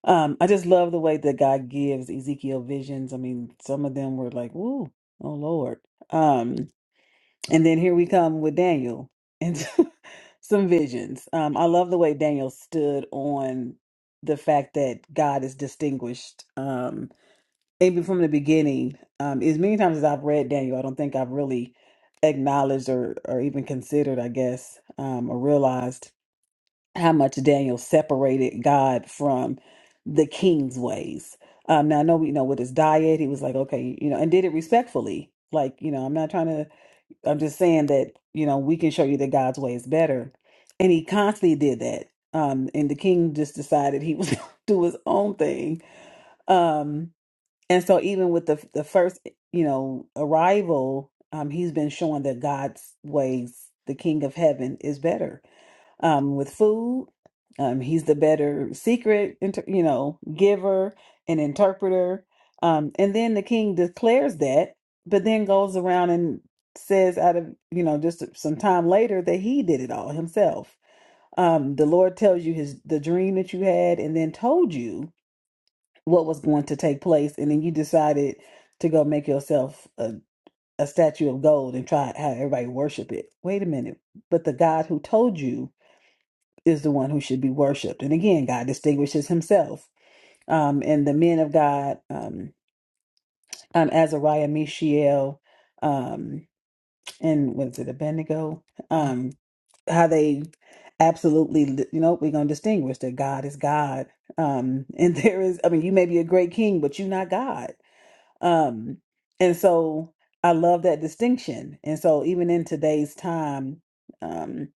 Speaker 1: um, I just love the way that God gives Ezekiel visions. I mean, some of them were like, "Ooh, oh Lord!" Um, and then here we come with Daniel and some visions. Um, I love the way Daniel stood on the fact that God is distinguished. Um, even from the beginning, um, as many times as I've read Daniel, I don't think I've really acknowledged or, or even considered, I guess, um, or realized how much Daniel separated God from the king's ways. Um, now I know we know with his diet, he was like, okay, you know, and did it respectfully. Like, you know, I'm not trying to, I'm just saying that, you know, we can show you that God's way is better. And he constantly did that. Um, and the king just decided he was gonna do his own thing. Um, and so even with the the first, you know, arrival, um, he's been showing that God's ways, the king of heaven, is better um, with food. Um, he's the better secret, inter- you know, giver and interpreter. Um, and then the king declares that, but then goes around and says, out of you know, just some time later, that he did it all himself. Um, the Lord tells you his the dream that you had, and then told you what was going to take place, and then you decided to go make yourself a, a statue of gold and try how everybody worship it. Wait a minute, but the God who told you is the one who should be worshipped. And again, God distinguishes himself. Um, and the men of God, um, um, Azariah, Mishael, um, and was it Abednego? Um, how they absolutely, you know, we're going to distinguish that God is God. Um, and there is, I mean, you may be a great king, but you're not God. Um, and so I love that distinction. And so even in today's time, um,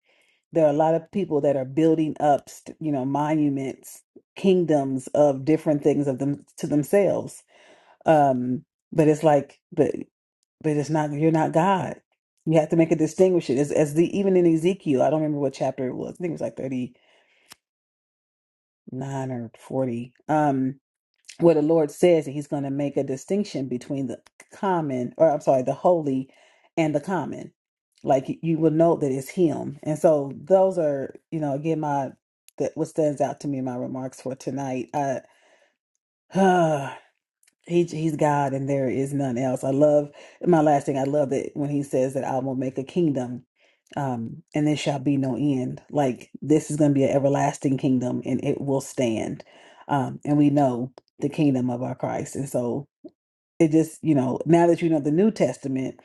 Speaker 1: there are a lot of people that are building up st- you know monuments kingdoms of different things of them to themselves um but it's like but but it's not you're not god you have to make a distinction as, as the even in ezekiel i don't remember what chapter it was i think it was like 39 or 40 um where the Lord says that He's going to make a distinction between the common, or I'm sorry, the holy and the common. Like you you will know that it's Him. And so those are, you know, again, my that what stands out to me in my remarks for tonight. I He, he's God and there is none else. I love my last thing. I love that when he says that I will make a kingdom um, and there shall be no end. Like this is going to be an everlasting kingdom and it will stand. Um, and we know the kingdom of our Christ. And so it just you know now that you know the new testament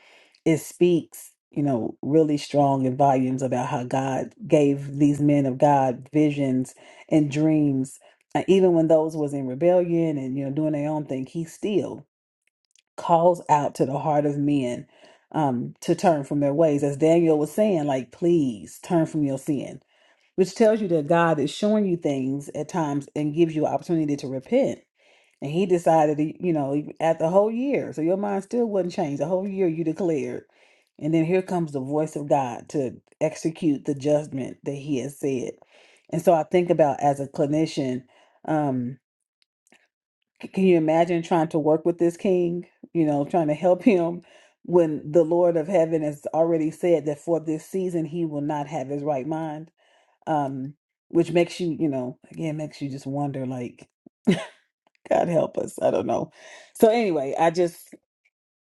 Speaker 1: it speaks you know really strong in volumes about how god gave these men of god visions and dreams and even when those was in rebellion and you know doing their own thing he still calls out to the heart of men um to turn from their ways as daniel was saying like please turn from your sin which tells you that god is showing you things at times and gives you opportunity to repent and he decided, he- you know, he- after a whole year, so your mind still wasn't changed. A whole year you declared. And then here comes the voice of God to execute the judgment that he has said. And so I think about as a clinician, um, c- can you imagine trying to work with this king, you know, trying to help him when the Lord of heaven has already said that for this season he will not have his right mind? Um, which makes you, you know, again, makes you just wonder like, God help us. I don't know. So anyway, I just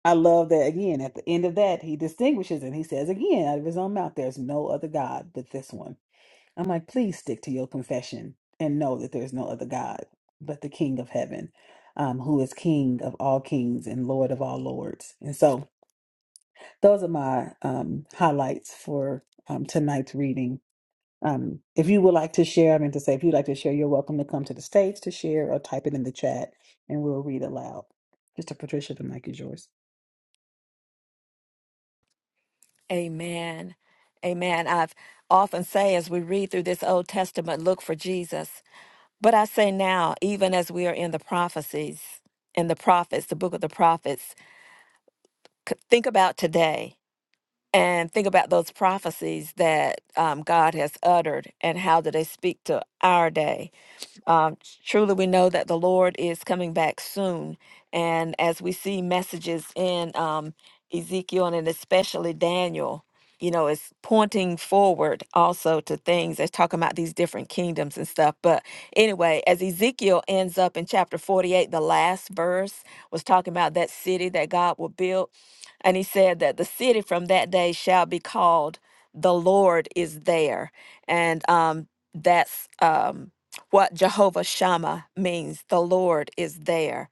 Speaker 1: I love that again. At the end of that, he distinguishes and he says again out of his own mouth, "There's no other God but this one." I'm like, please stick to your confession and know that there's no other God but the King of Heaven, um, who is King of all kings and Lord of all lords. And so those are my um, highlights for um, tonight's reading. Um, if you would like to share, I mean to say, if you'd like to share, you're welcome to come to the stage to share or type it in the chat and we'll read aloud. Mr. Patricia, the mic is yours.
Speaker 2: Amen. Amen. I've often say as we read through this Old Testament, look for Jesus. But I say now, even as we are in the prophecies, in the prophets, the book of the prophets, c- think about today and think about those prophecies that um, God has uttered and how do they speak to our day um, truly, we know that the Lord is coming back soon. And as we see messages in um, Ezekiel and especially Daniel, you know, it's pointing forward also to things. It's talking about these different kingdoms and stuff. But anyway, as Ezekiel ends up in chapter 48, the last verse was talking about that city that God will build. And he said that the city from that day shall be called the Lord is there. And um, that's. Um, what Jehovah Shammah means. The Lord is there.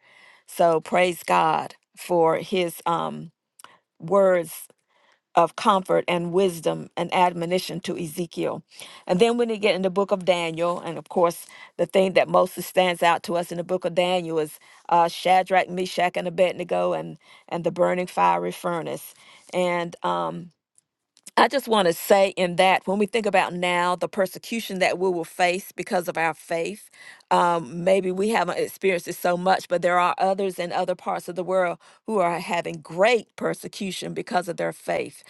Speaker 2: So praise God for his um, words of comfort and wisdom and admonition to Ezekiel. And then when you get in the book of Daniel, and of course, the thing that mostly stands out to us in the book of Daniel is uh, Shadrach, Meshach, and Abednego and, and the burning fiery furnace. And um, I just want to say in that when we think about now the persecution that we will face because of our faith, um, maybe we haven't experienced it so much, but there are others in other parts of the world who are having great persecution because of their faith.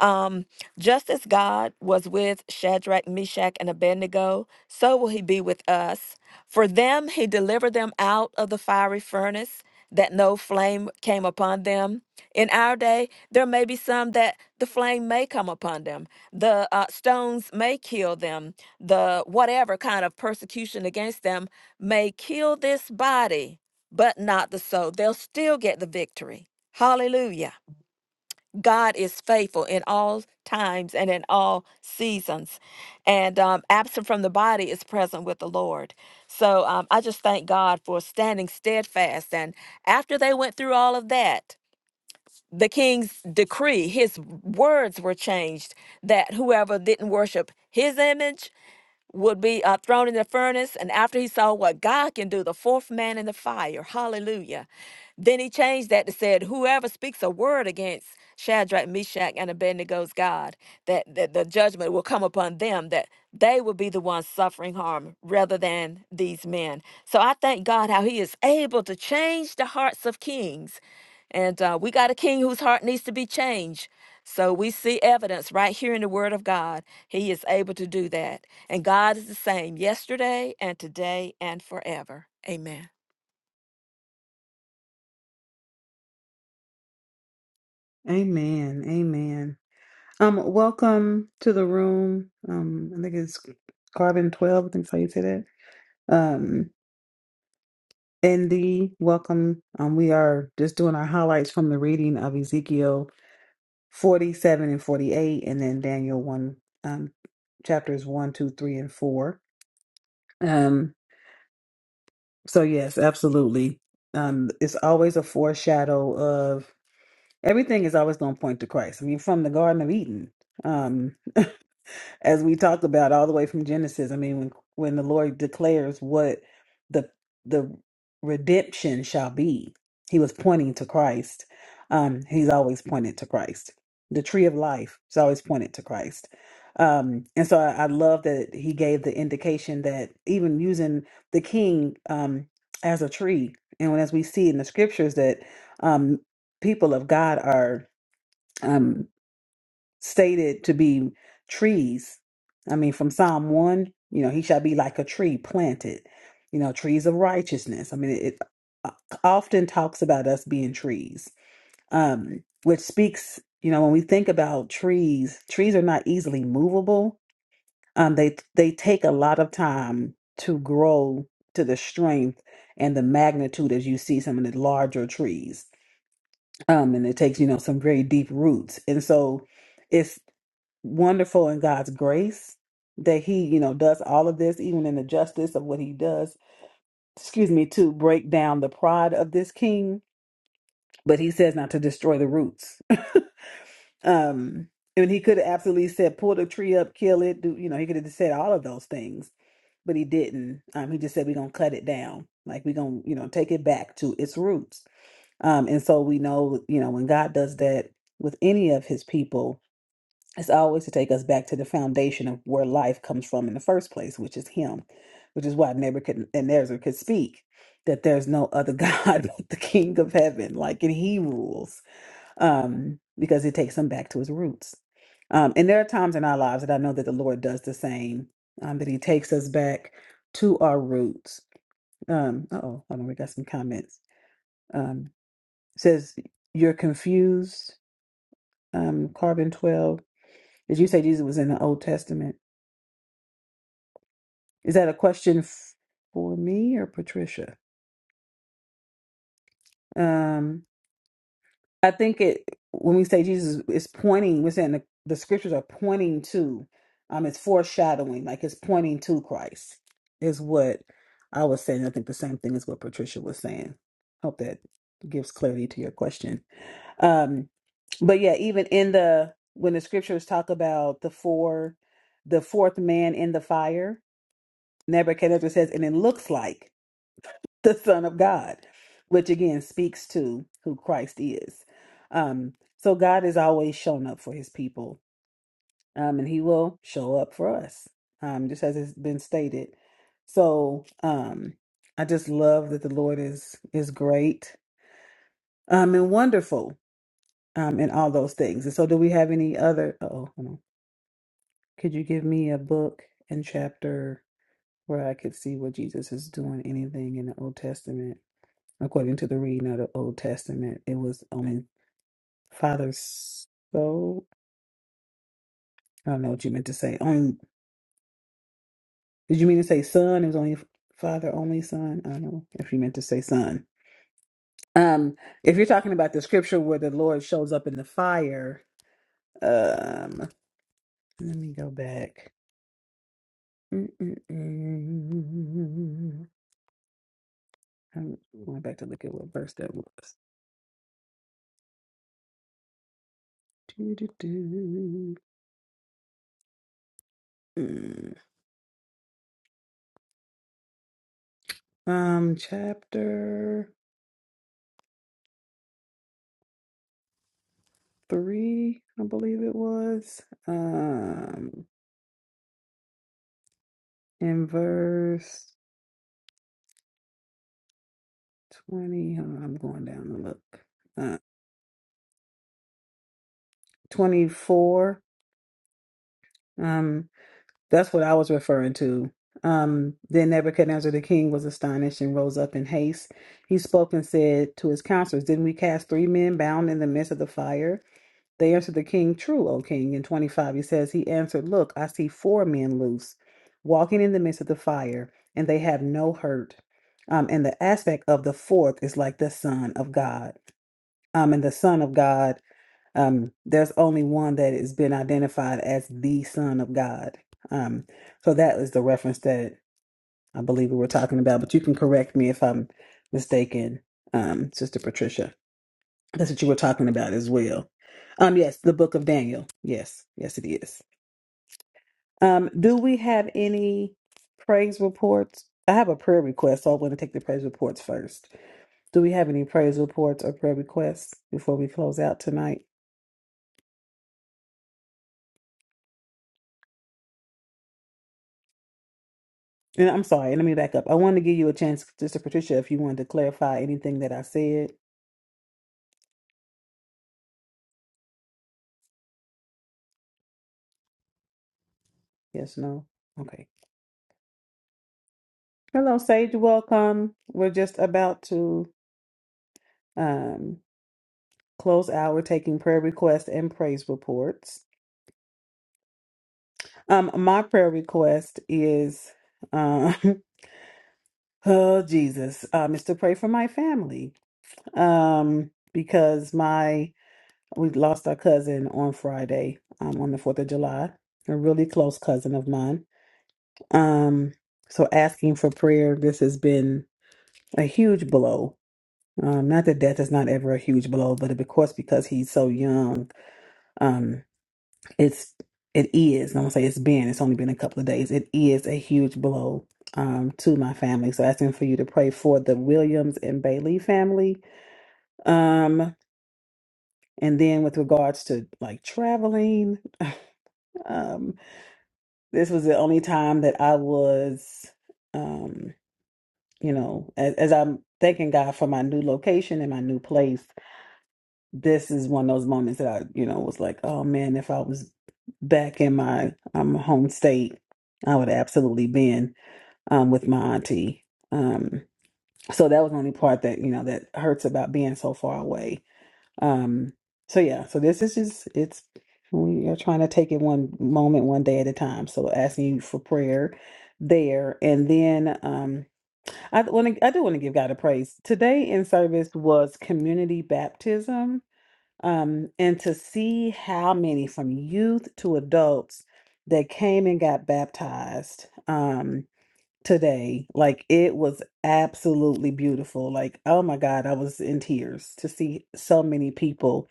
Speaker 2: Um, just as God was with Shadrach, Meshach, and Abednego, so will he be with us. For them he delivered them out of the fiery furnace, that no flame came upon them. In our day, there may be some that the flame may come upon them, the uh, stones may kill them, the whatever kind of persecution against them may kill this body, but not the soul. They'll still get the victory. Hallelujah. God is faithful in all times and in all seasons. And um, absent from the body is present with the Lord. So um, I just thank God for standing steadfast. And after they went through all of that, the king's decree, his words were changed that whoever didn't worship his image would be uh, thrown in the furnace. And after he saw what God can do, the fourth man in the fire, hallelujah. Then he changed that to said, Whoever speaks a word against Shadrach, Meshach, and Abednego's God, that, that the judgment will come upon them, that they will be the ones suffering harm rather than these men. So I thank God how he is able to change the hearts of kings. And uh, we got a king whose heart needs to be changed. So we see evidence right here in the Word of God. He is able to do that. And God is the same yesterday and today and forever. Amen.
Speaker 1: Amen. Amen. Um, welcome to the room. Um, I think it's carbon 12. I think so you say that. Um, Indy, welcome. Um, we are just doing our highlights from the reading of Ezekiel 47 and 48, and then Daniel 1, um, chapters one, 2, 3, and 4. Um, So yes, absolutely. Um, it's always a foreshadow of everything is always going to point to Christ. I mean, from the Garden of Eden. Um, as we talked about all the way from Genesis. I mean, when when the Lord declares what the the redemption shall be, He was pointing to Christ. Um, he's always pointed to Christ. The tree of life is always pointed to Christ. Um, and so I, I love that he gave the indication that even using the king um, as a tree, and as we see in the scriptures that um, people of God are. um, stated to be trees. I mean, from Psalm 1, you know, he shall be like a tree planted, you know, trees of righteousness. I mean, it uh, often talks about us being trees, um, which speaks, you know, when we think about trees, trees are not easily movable. Um, they they take a lot of time to grow to the strength and the magnitude as you see some of the larger trees. Um, and it takes, you know, some very deep roots. And so it's wonderful in God's grace that he, you know, does all of this, even in the justice of what he does, excuse me, to break down the pride of this king. But he says not to destroy the roots. um, and he could have absolutely said, pull the tree up, kill it, do you know, he could have said all of those things, but he didn't. Um, he just said, We're gonna cut it down. Like we're gonna, you know, take it back to its roots. Um, and so we know, you know, when God does that with any of his people, It's always to take us back to the foundation of where life comes from in the first place, which is Him, which is why Nebuchadnezzar could speak that there's no other God but the King of Heaven, like, and He rules, um, because it takes him back to his roots. Um, and there are times in our lives that I know that the Lord does the same, um, that He takes us back to our roots. Um, oh, hold on, we got some comments. Um, says you're confused, um, carbon twelve. Did you say Jesus was in the Old Testament? Is that a question f- for me or Patricia? Um, I think it when we say Jesus is pointing, we're saying the, the scriptures are pointing to, um, it's foreshadowing, like it's pointing to Christ, is what I was saying. I think the same thing is what Patricia was saying. Hope that gives clarity to your question. Um, but yeah, even in the when the scriptures talk about the four, the fourth man in the fire, Nebuchadnezzar says, and it looks like. the Son of God, which again speaks to who Christ is. Um, so God has always shown up for his people, um, and he will show up for us, um, just as it's been stated. So um, I just love that the Lord is is great um, and wonderful um, in all those things. And so, do we have any other? Oh, hold on. could you give me a book and chapter where I could see where Jesus is doing anything in the Old Testament? according to the reading of the Old Testament. It was on father's soul. I don't know what you meant to say. On did you mean to say son? It was only father, only son. I don't know if you meant to say son. Um, if you're talking about the scripture where the Lord shows up in the fire, um, let me go back. Mm-mm-mm. I'm going back to look at what verse that was. Doo-doo-doo. Mm. Um, chapter. 3, I believe it was, um, in verse 20. Hold on, I'm going down to look. Uh, 24. Um, that's what I was referring to. Um, then Nebuchadnezzar the king was astonished and rose up in haste. He spoke and said to his counselors, Didn't we cast three men bound in the midst of the fire? They answered the king, True, O king. In 25, he says, He answered, Look, I see four men loose, walking in the midst of the fire, and they have no hurt. Um, and the aspect of the fourth is like the Son of God. Um, and the Son of God, um, there's only one that has been identified as the Son of God. Um, so that is the reference that I believe we were talking about, but you can correct me if I'm mistaken, um, Sister Patricia. That's what you were talking about as well. Um, yes, the book of Daniel. Yes, yes, it is. Um, do we have any praise reports? I have a prayer request, so I want to take the praise reports first. Do we have any praise reports or prayer requests before we close out tonight? And I'm sorry, let me back up. I wanted to give you a chance, Sister Patricia, if you wanted to clarify anything that I said. Yes, no? Okay. Hello, Sage. Welcome. We're just about to um, close out. We're taking prayer requests and praise reports. Um, my prayer request is, um, oh Jesus, um, is to pray for my family, um, because my we lost our cousin on Friday, um, on the Fourth of July, a really close cousin of mine. Um, so asking for prayer. This has been a huge blow. Um, not that death is not ever a huge blow, but of course, because he's so young, um, it's it is and i'm gonna say it's been it's only been a couple of days it is a huge blow um to my family so asking for you to pray for the williams and bailey family um and then with regards to like traveling um this was the only time that i was um you know as, as i'm thanking god for my new location and my new place this is one of those moments that I, you know, was like, oh man, if I was back in my um, home state, I would have absolutely been um, with my auntie. Um, so that was the only part that, you know, that hurts about being so far away. Um, so yeah, so this is just, it's, we are trying to take it one moment, one day at a time. So asking you for prayer there. And then um, I want to, I do want to give God a praise. Today in service was community baptism um, and to see how many from youth to adults that came and got baptized um, today, like it was absolutely beautiful. Like, oh my God, I was in tears to see so many people,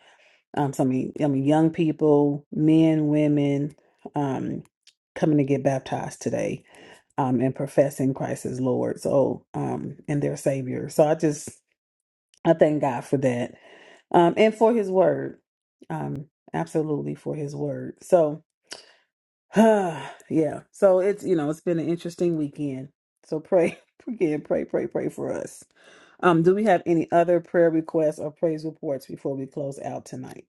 Speaker 1: um, so many, I mean, young people, men, women, um, coming to get baptized today um, and professing Christ as Lord, so um, and their Savior. So I just I thank God for that um, and for his word. Um, absolutely for his word. So, yeah. So it's, you know, it's been an interesting weekend. So pray, again, pray, pray, pray for us. Um, do we have any other prayer requests or praise reports before we close out tonight?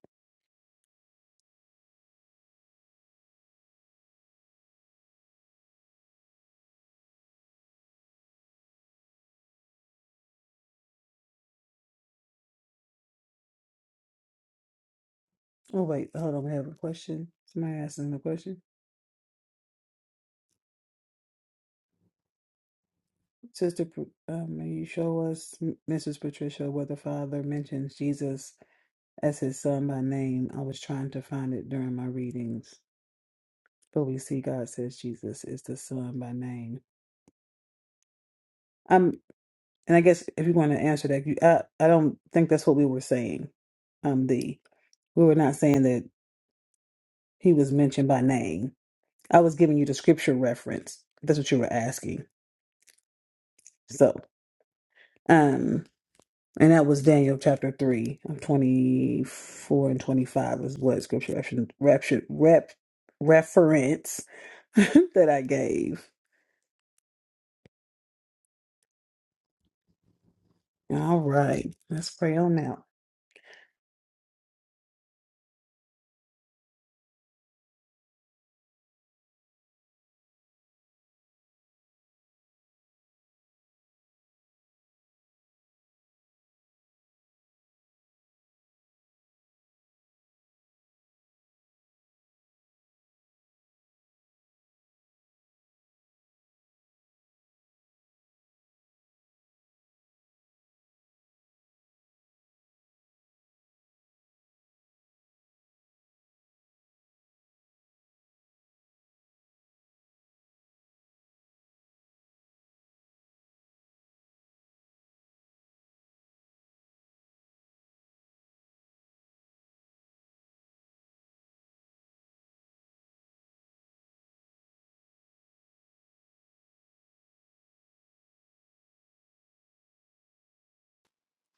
Speaker 1: Oh, wait, hold on. We have a question. Somebody asking a question. Sister, Pr- um, may you show us, M- Mrs. Patricia, where the Father mentions Jesus as his son by name. I was trying to find it during my readings. But we see God says Jesus is the son by name. Um, and I guess if you want to answer that, you, I, I don't think that's what we were saying. Um, the we were not saying that he was mentioned by name. I was giving you the scripture reference. That's what you were asking. So, um, and that was Daniel chapter three, twenty four and twenty five is what scripture reference, rep, rep, reference that I gave. All right. Let's pray on out.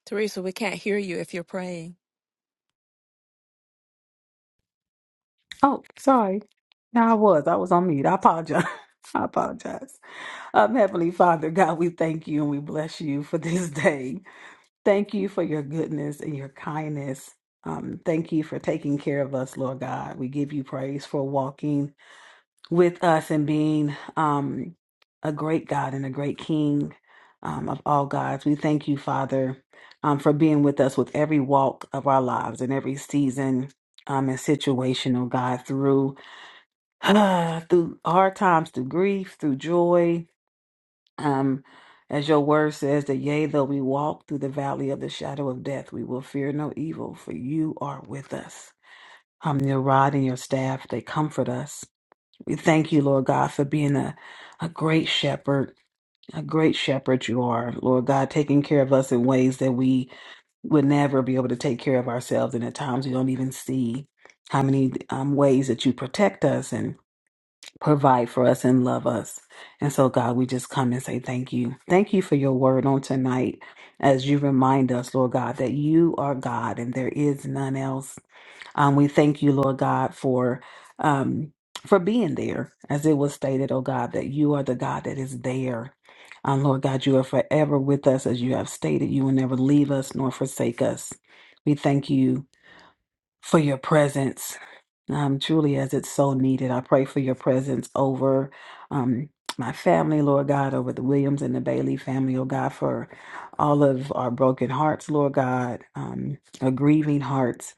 Speaker 2: Teresa, we can't hear you if you're praying.
Speaker 1: Oh, sorry. No, I was. I was on mute. I apologize. I apologize. Um, Heavenly Father, God, we thank you and we bless you for this day. Thank you for your goodness and your kindness. Um, thank you for taking care of us, Lord God. We give you praise for walking. with us and being um, a great God and a great King um, of all gods. We thank you, Father, um, for being with us with every walk of our lives and every season um, and situation, oh God, through through hard times, through grief, through joy. Um, as your word says, that yea, though we walk through the valley of the shadow of death, we will fear no evil, for you are with us. Um, your rod and your staff, they comfort us. We thank you, Lord God, for being a, a great shepherd, a great shepherd you are, Lord God, taking care of us in ways that we would never be able to take care of ourselves. And at times we don't even see how many um, ways that you protect us and provide for us and love us. And so, God, we just come and say thank you. Thank you for your word on tonight as you remind us, Lord God, that you are God and there is none else. Um, we thank you, Lord God, for um, for being there, as it was stated, oh God, that you are the God that is there. Um, Lord God, you are forever with us, as you have stated. You will never leave us nor forsake us. We thank you for your presence, um, truly, as it's so needed. I pray for your presence over um, my family, Lord God, over the Williams and the Bailey family, oh God, for all of our broken hearts, Lord God, um, our grieving hearts.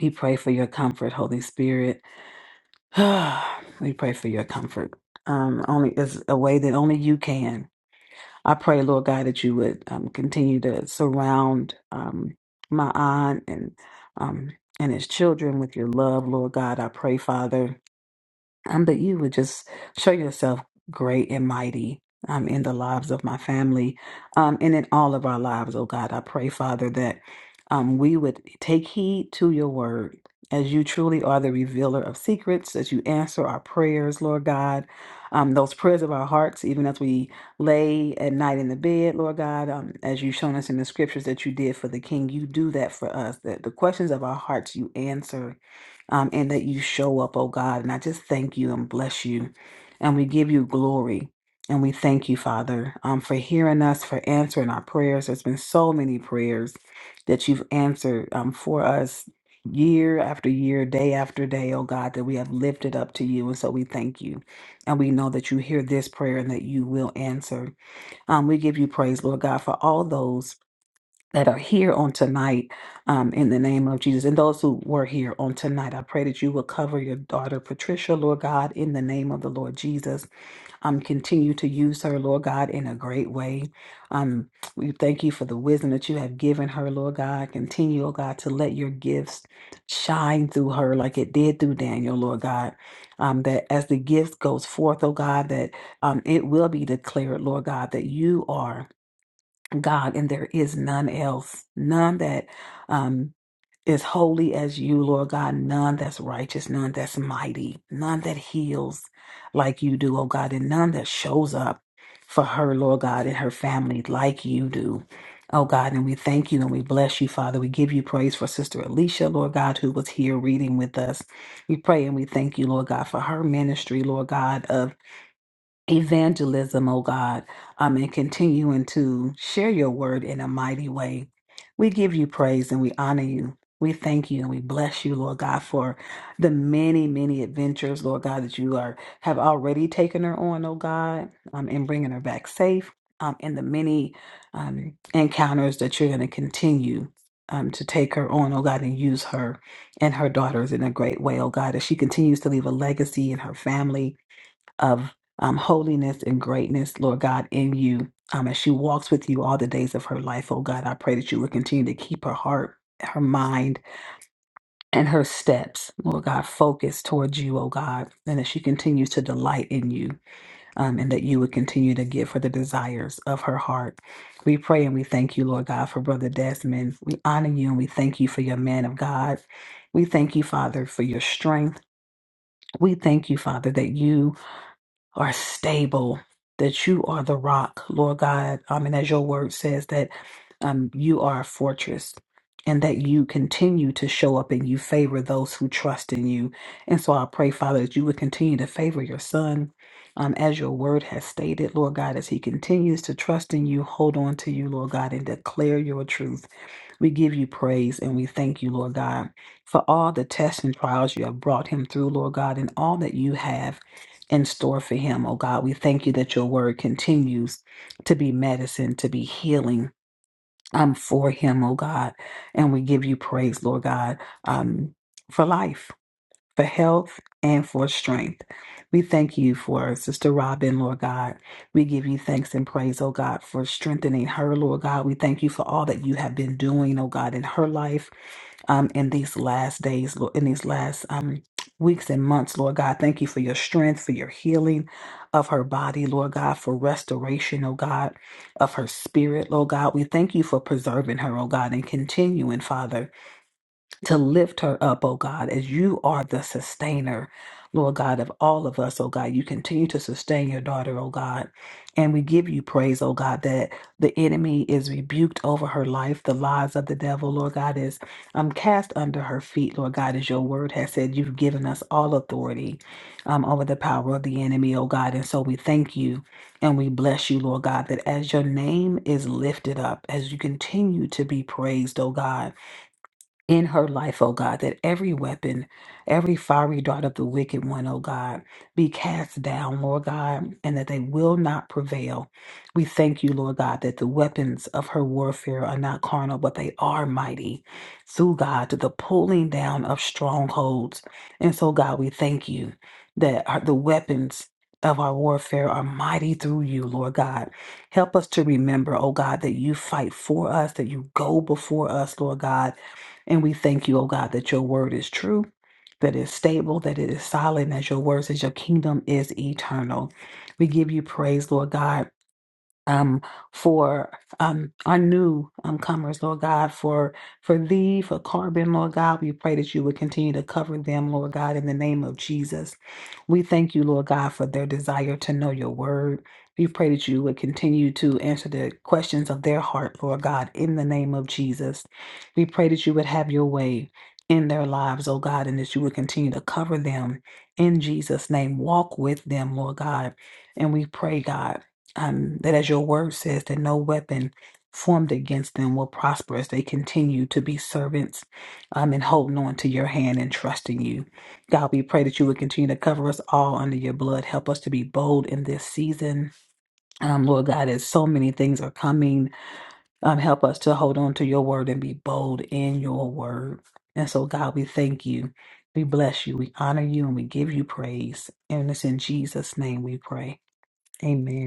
Speaker 1: We pray for your comfort, Holy Spirit. we pray for your comfort. Um, only is a way that only you can. I pray, Lord God, that you would um, continue to surround um, my aunt and um, and his children with your love, Lord God. I pray, Father, um, that you would just show yourself great and mighty um, in the lives of my family um, and in all of our lives, oh God. I pray, Father, that um, we would take heed to your word as you truly are the revealer of secrets, as you answer our prayers, Lord God. Um, those prayers of our hearts, even as we lay at night in the bed, Lord God, um, as you've shown us in the scriptures that you did for the King, you do that for us. That the questions of our hearts you answer um, and that you show up, oh God. And I just thank you and bless you. And we give you glory. And we thank you, Father, um, for hearing us, for answering our prayers. There's been so many prayers that you've answered um, for us year after year, day after day, oh God, that we have lifted up to you. And so we thank you. And we know that you hear this prayer and that you will answer. Um, we give you praise, Lord God, for all those that are here on tonight um, in the name of Jesus. And those who were here on tonight, I pray that you will cover your daughter Patricia, Lord God, in the name of the Lord Jesus. Um, continue to use her, Lord God, in a great way. Um, we thank you for the wisdom that you have given her, Lord God. Continue, oh God, to let your gifts shine through her like it did through Daniel, Lord God. Um, that as the gift goes forth, oh God, that um, it will be declared, Lord God, that you are. God, and there is none else, none that um, is holy as you, Lord God, none that's righteous, none that's mighty, none that heals like you do, oh God, and none that shows up for her, Lord God, and her family like you do. Oh God, and we thank you and we bless you, Father. We give you praise for Sister Alicia, Lord God, who was here reading with us. We pray and we thank you, Lord God, for her ministry, Lord God, of evangelism, oh God, um, and continuing to share your word in a mighty way. We give you praise and we honor you. We thank you and we bless you, Lord God, for the many, many adventures, Lord God, that you are have already taken her on, oh God, um, and bringing her back safe, um, and the many um, encounters that you're going to continue um, to take her on, oh God, and use her and her daughters in a great way, oh God, as she continues to leave a legacy in her family, of um, holiness and greatness, Lord God, in you. Um, as she walks with you all the days of her life, oh God, I pray that you would continue to keep her heart, her mind, and her steps, Lord God, focused towards you, oh God, and that she continues to delight in you, um, and that you would continue to give her the desires of her heart. We pray and we thank you, Lord God, for Brother Desmond. We honor you and we thank you for your man of God. We thank you, Father, for your strength. We thank you, Father, that you are stable, that you are the rock, Lord God. Um, and as your word says, that um, you are a fortress and that you continue to show up and you favor those who trust in you. And so I pray, Father, that you would continue to favor your son. Um, as your word has stated, Lord God, as he continues to trust in you, hold on to you, Lord God, and declare your truth. We give you praise and we thank you, Lord God, for all the tests and trials you have brought him through, Lord God, and all that you have in store for him, oh God. We thank you that your word continues to be medicine, to be healing um, for him, oh God. And we give you praise, Lord God, um, for life, for health, and for strength. We thank you for Sister Robin, Lord God. We give you thanks and praise, oh God, for strengthening her, Lord God. We thank you for all that you have been doing, oh God, in her life um, in these last days, Lord, in these last um, weeks and months, Lord God. Thank you for your strength, for your healing of her body, Lord God, for restoration, oh God, of her spirit, Lord God. We thank you for preserving her, oh God, and continuing, Father to lift her up, oh God, as you are the sustainer, Lord God, of all of us, oh God. You continue to sustain your daughter, oh God. And we give you praise, oh God, that the enemy is rebuked over her life. The lies of the devil, Lord God, is um, cast under her feet, Lord God, as your word has said. You've given us all authority um, over the power of the enemy, oh God. And so we thank you and we bless you, Lord God, that as your name is lifted up, as you continue to be praised, oh God in her life, O God, that every weapon, every fiery dart of the wicked one, oh God, be cast down, Lord God, and that they will not prevail. We thank you, Lord God, that the weapons of her warfare are not carnal, but they are mighty through God to the pulling down of strongholds. And so, God, we thank you that our, the weapons of our warfare are mighty through you, Lord God. Help us to remember, O God, that you fight for us, that you go before us, Lord God and we thank you, oh God, that your word is true, that it's stable, that it is solid, and that your word says your kingdom is eternal. We give you praise, Lord God um, for um, our new um, comers, Lord God, for for thee, for Carbon, Lord God. We pray that you would continue to cover them, Lord God, in the name of Jesus. We thank you, Lord God, for their desire to know your word. We pray that you would continue to answer the questions of their heart, Lord God, in the name of Jesus. We pray that you would have your way in their lives, oh God, and that you would continue to cover them in Jesus' name. Walk with them, Lord God. And we pray, God um, that as your word says, that no weapon formed against them will prosper as they continue to be servants um, and holding on to your hand and trusting you. God, we pray that you would continue to cover us all under your blood. Help us to be bold in this season. Um, Lord God, as so many things are coming, um, help us to hold on to your word and be bold in your word. And so, God, we thank you. We bless you. We honor you and we give you praise. And it's in Jesus' name we pray. Amen.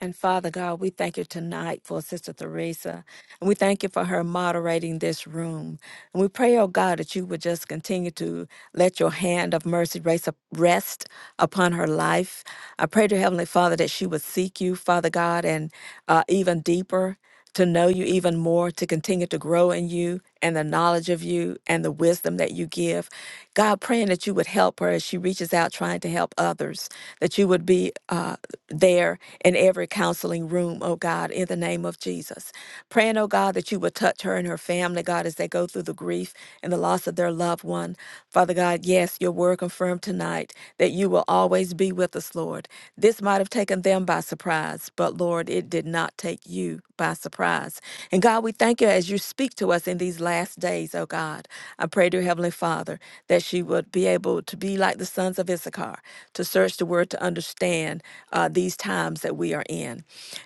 Speaker 2: And Father God, we thank you tonight for Sister Teresa. And we thank you for her moderating this room. And we pray, oh God, that you would just continue to let your hand of mercy race up- rest upon her life. I pray to Heavenly Father that she would seek you, Father God, and uh, even deeper. to know you even more, to continue to grow in you and the knowledge of you and the wisdom that you give. God, praying that you would help her as she reaches out trying to help others, that you would be uh, there in every counseling room, oh God, in the name of Jesus. Davis. Praying, oh God, that you would touch her and her family, God, as they go through the grief and the loss of their loved one. Father God, yes, your word confirmed tonight that you will always be with us, Lord. This might have taken them by surprise, but Lord, it did not take you by surprise. And God, we thank you as you speak to us in these last days, oh God. I pray, dear Heavenly Father, that she would be able to be like the sons of Issachar, to search the word to understand uh, these times that we are in.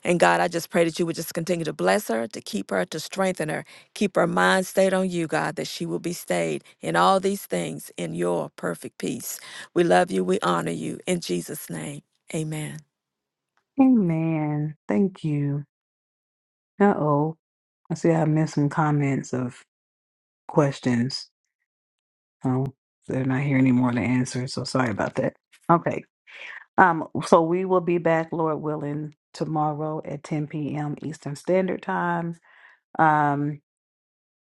Speaker 2: And God, I just pray that you would just continue to bless her, to keep her, to strengthen her, keep her mind stayed on you, God, that she will be stayed in all these things in your perfect peace. We love you. We honor you. In Jesus' name, amen.
Speaker 1: Amen. Thank you. Uh oh. I see I missed some comments of questions. Oh, they're not here anymore to answer, so sorry about that. Okay. Um, so we will be back, Lord willing, tomorrow at 10 p.m. Eastern Standard Time. Um,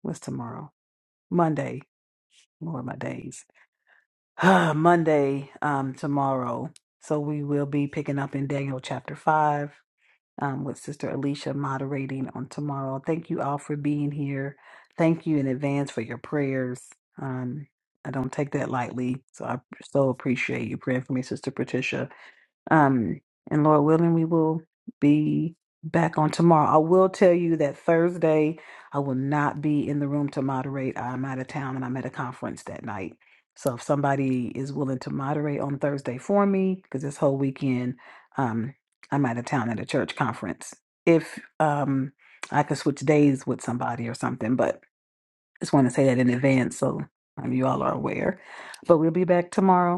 Speaker 1: what's tomorrow? Monday. Lord, my days. Monday, um, tomorrow. So we will be picking up in Daniel chapter 5. um, with Sister Alicia moderating on tomorrow. Thank you all for being here. Thank you in advance for your prayers. Um, I don't take that lightly, so I so appreciate you praying for me, Sister Patricia. Um, and Lord willing, we will be back on tomorrow. I will tell you that Thursday, I will not be in the room to moderate. I'm out of town and I'm at a conference that night. So if somebody is willing to moderate on Thursday for me, because this whole weekend, um, I'm out of town at a church conference. If um, I could switch days with somebody or something, but just want to say that in advance so um, you all are aware. But we'll be back tomorrow.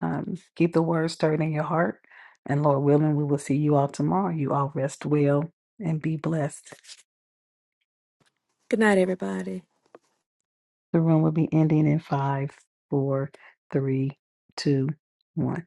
Speaker 1: Um, keep the word stirred in your heart. And Lord willing, we will see you all tomorrow. You all rest well and be blessed.
Speaker 2: Good night, everybody.
Speaker 1: The room will be ending in five, four, three, two, one.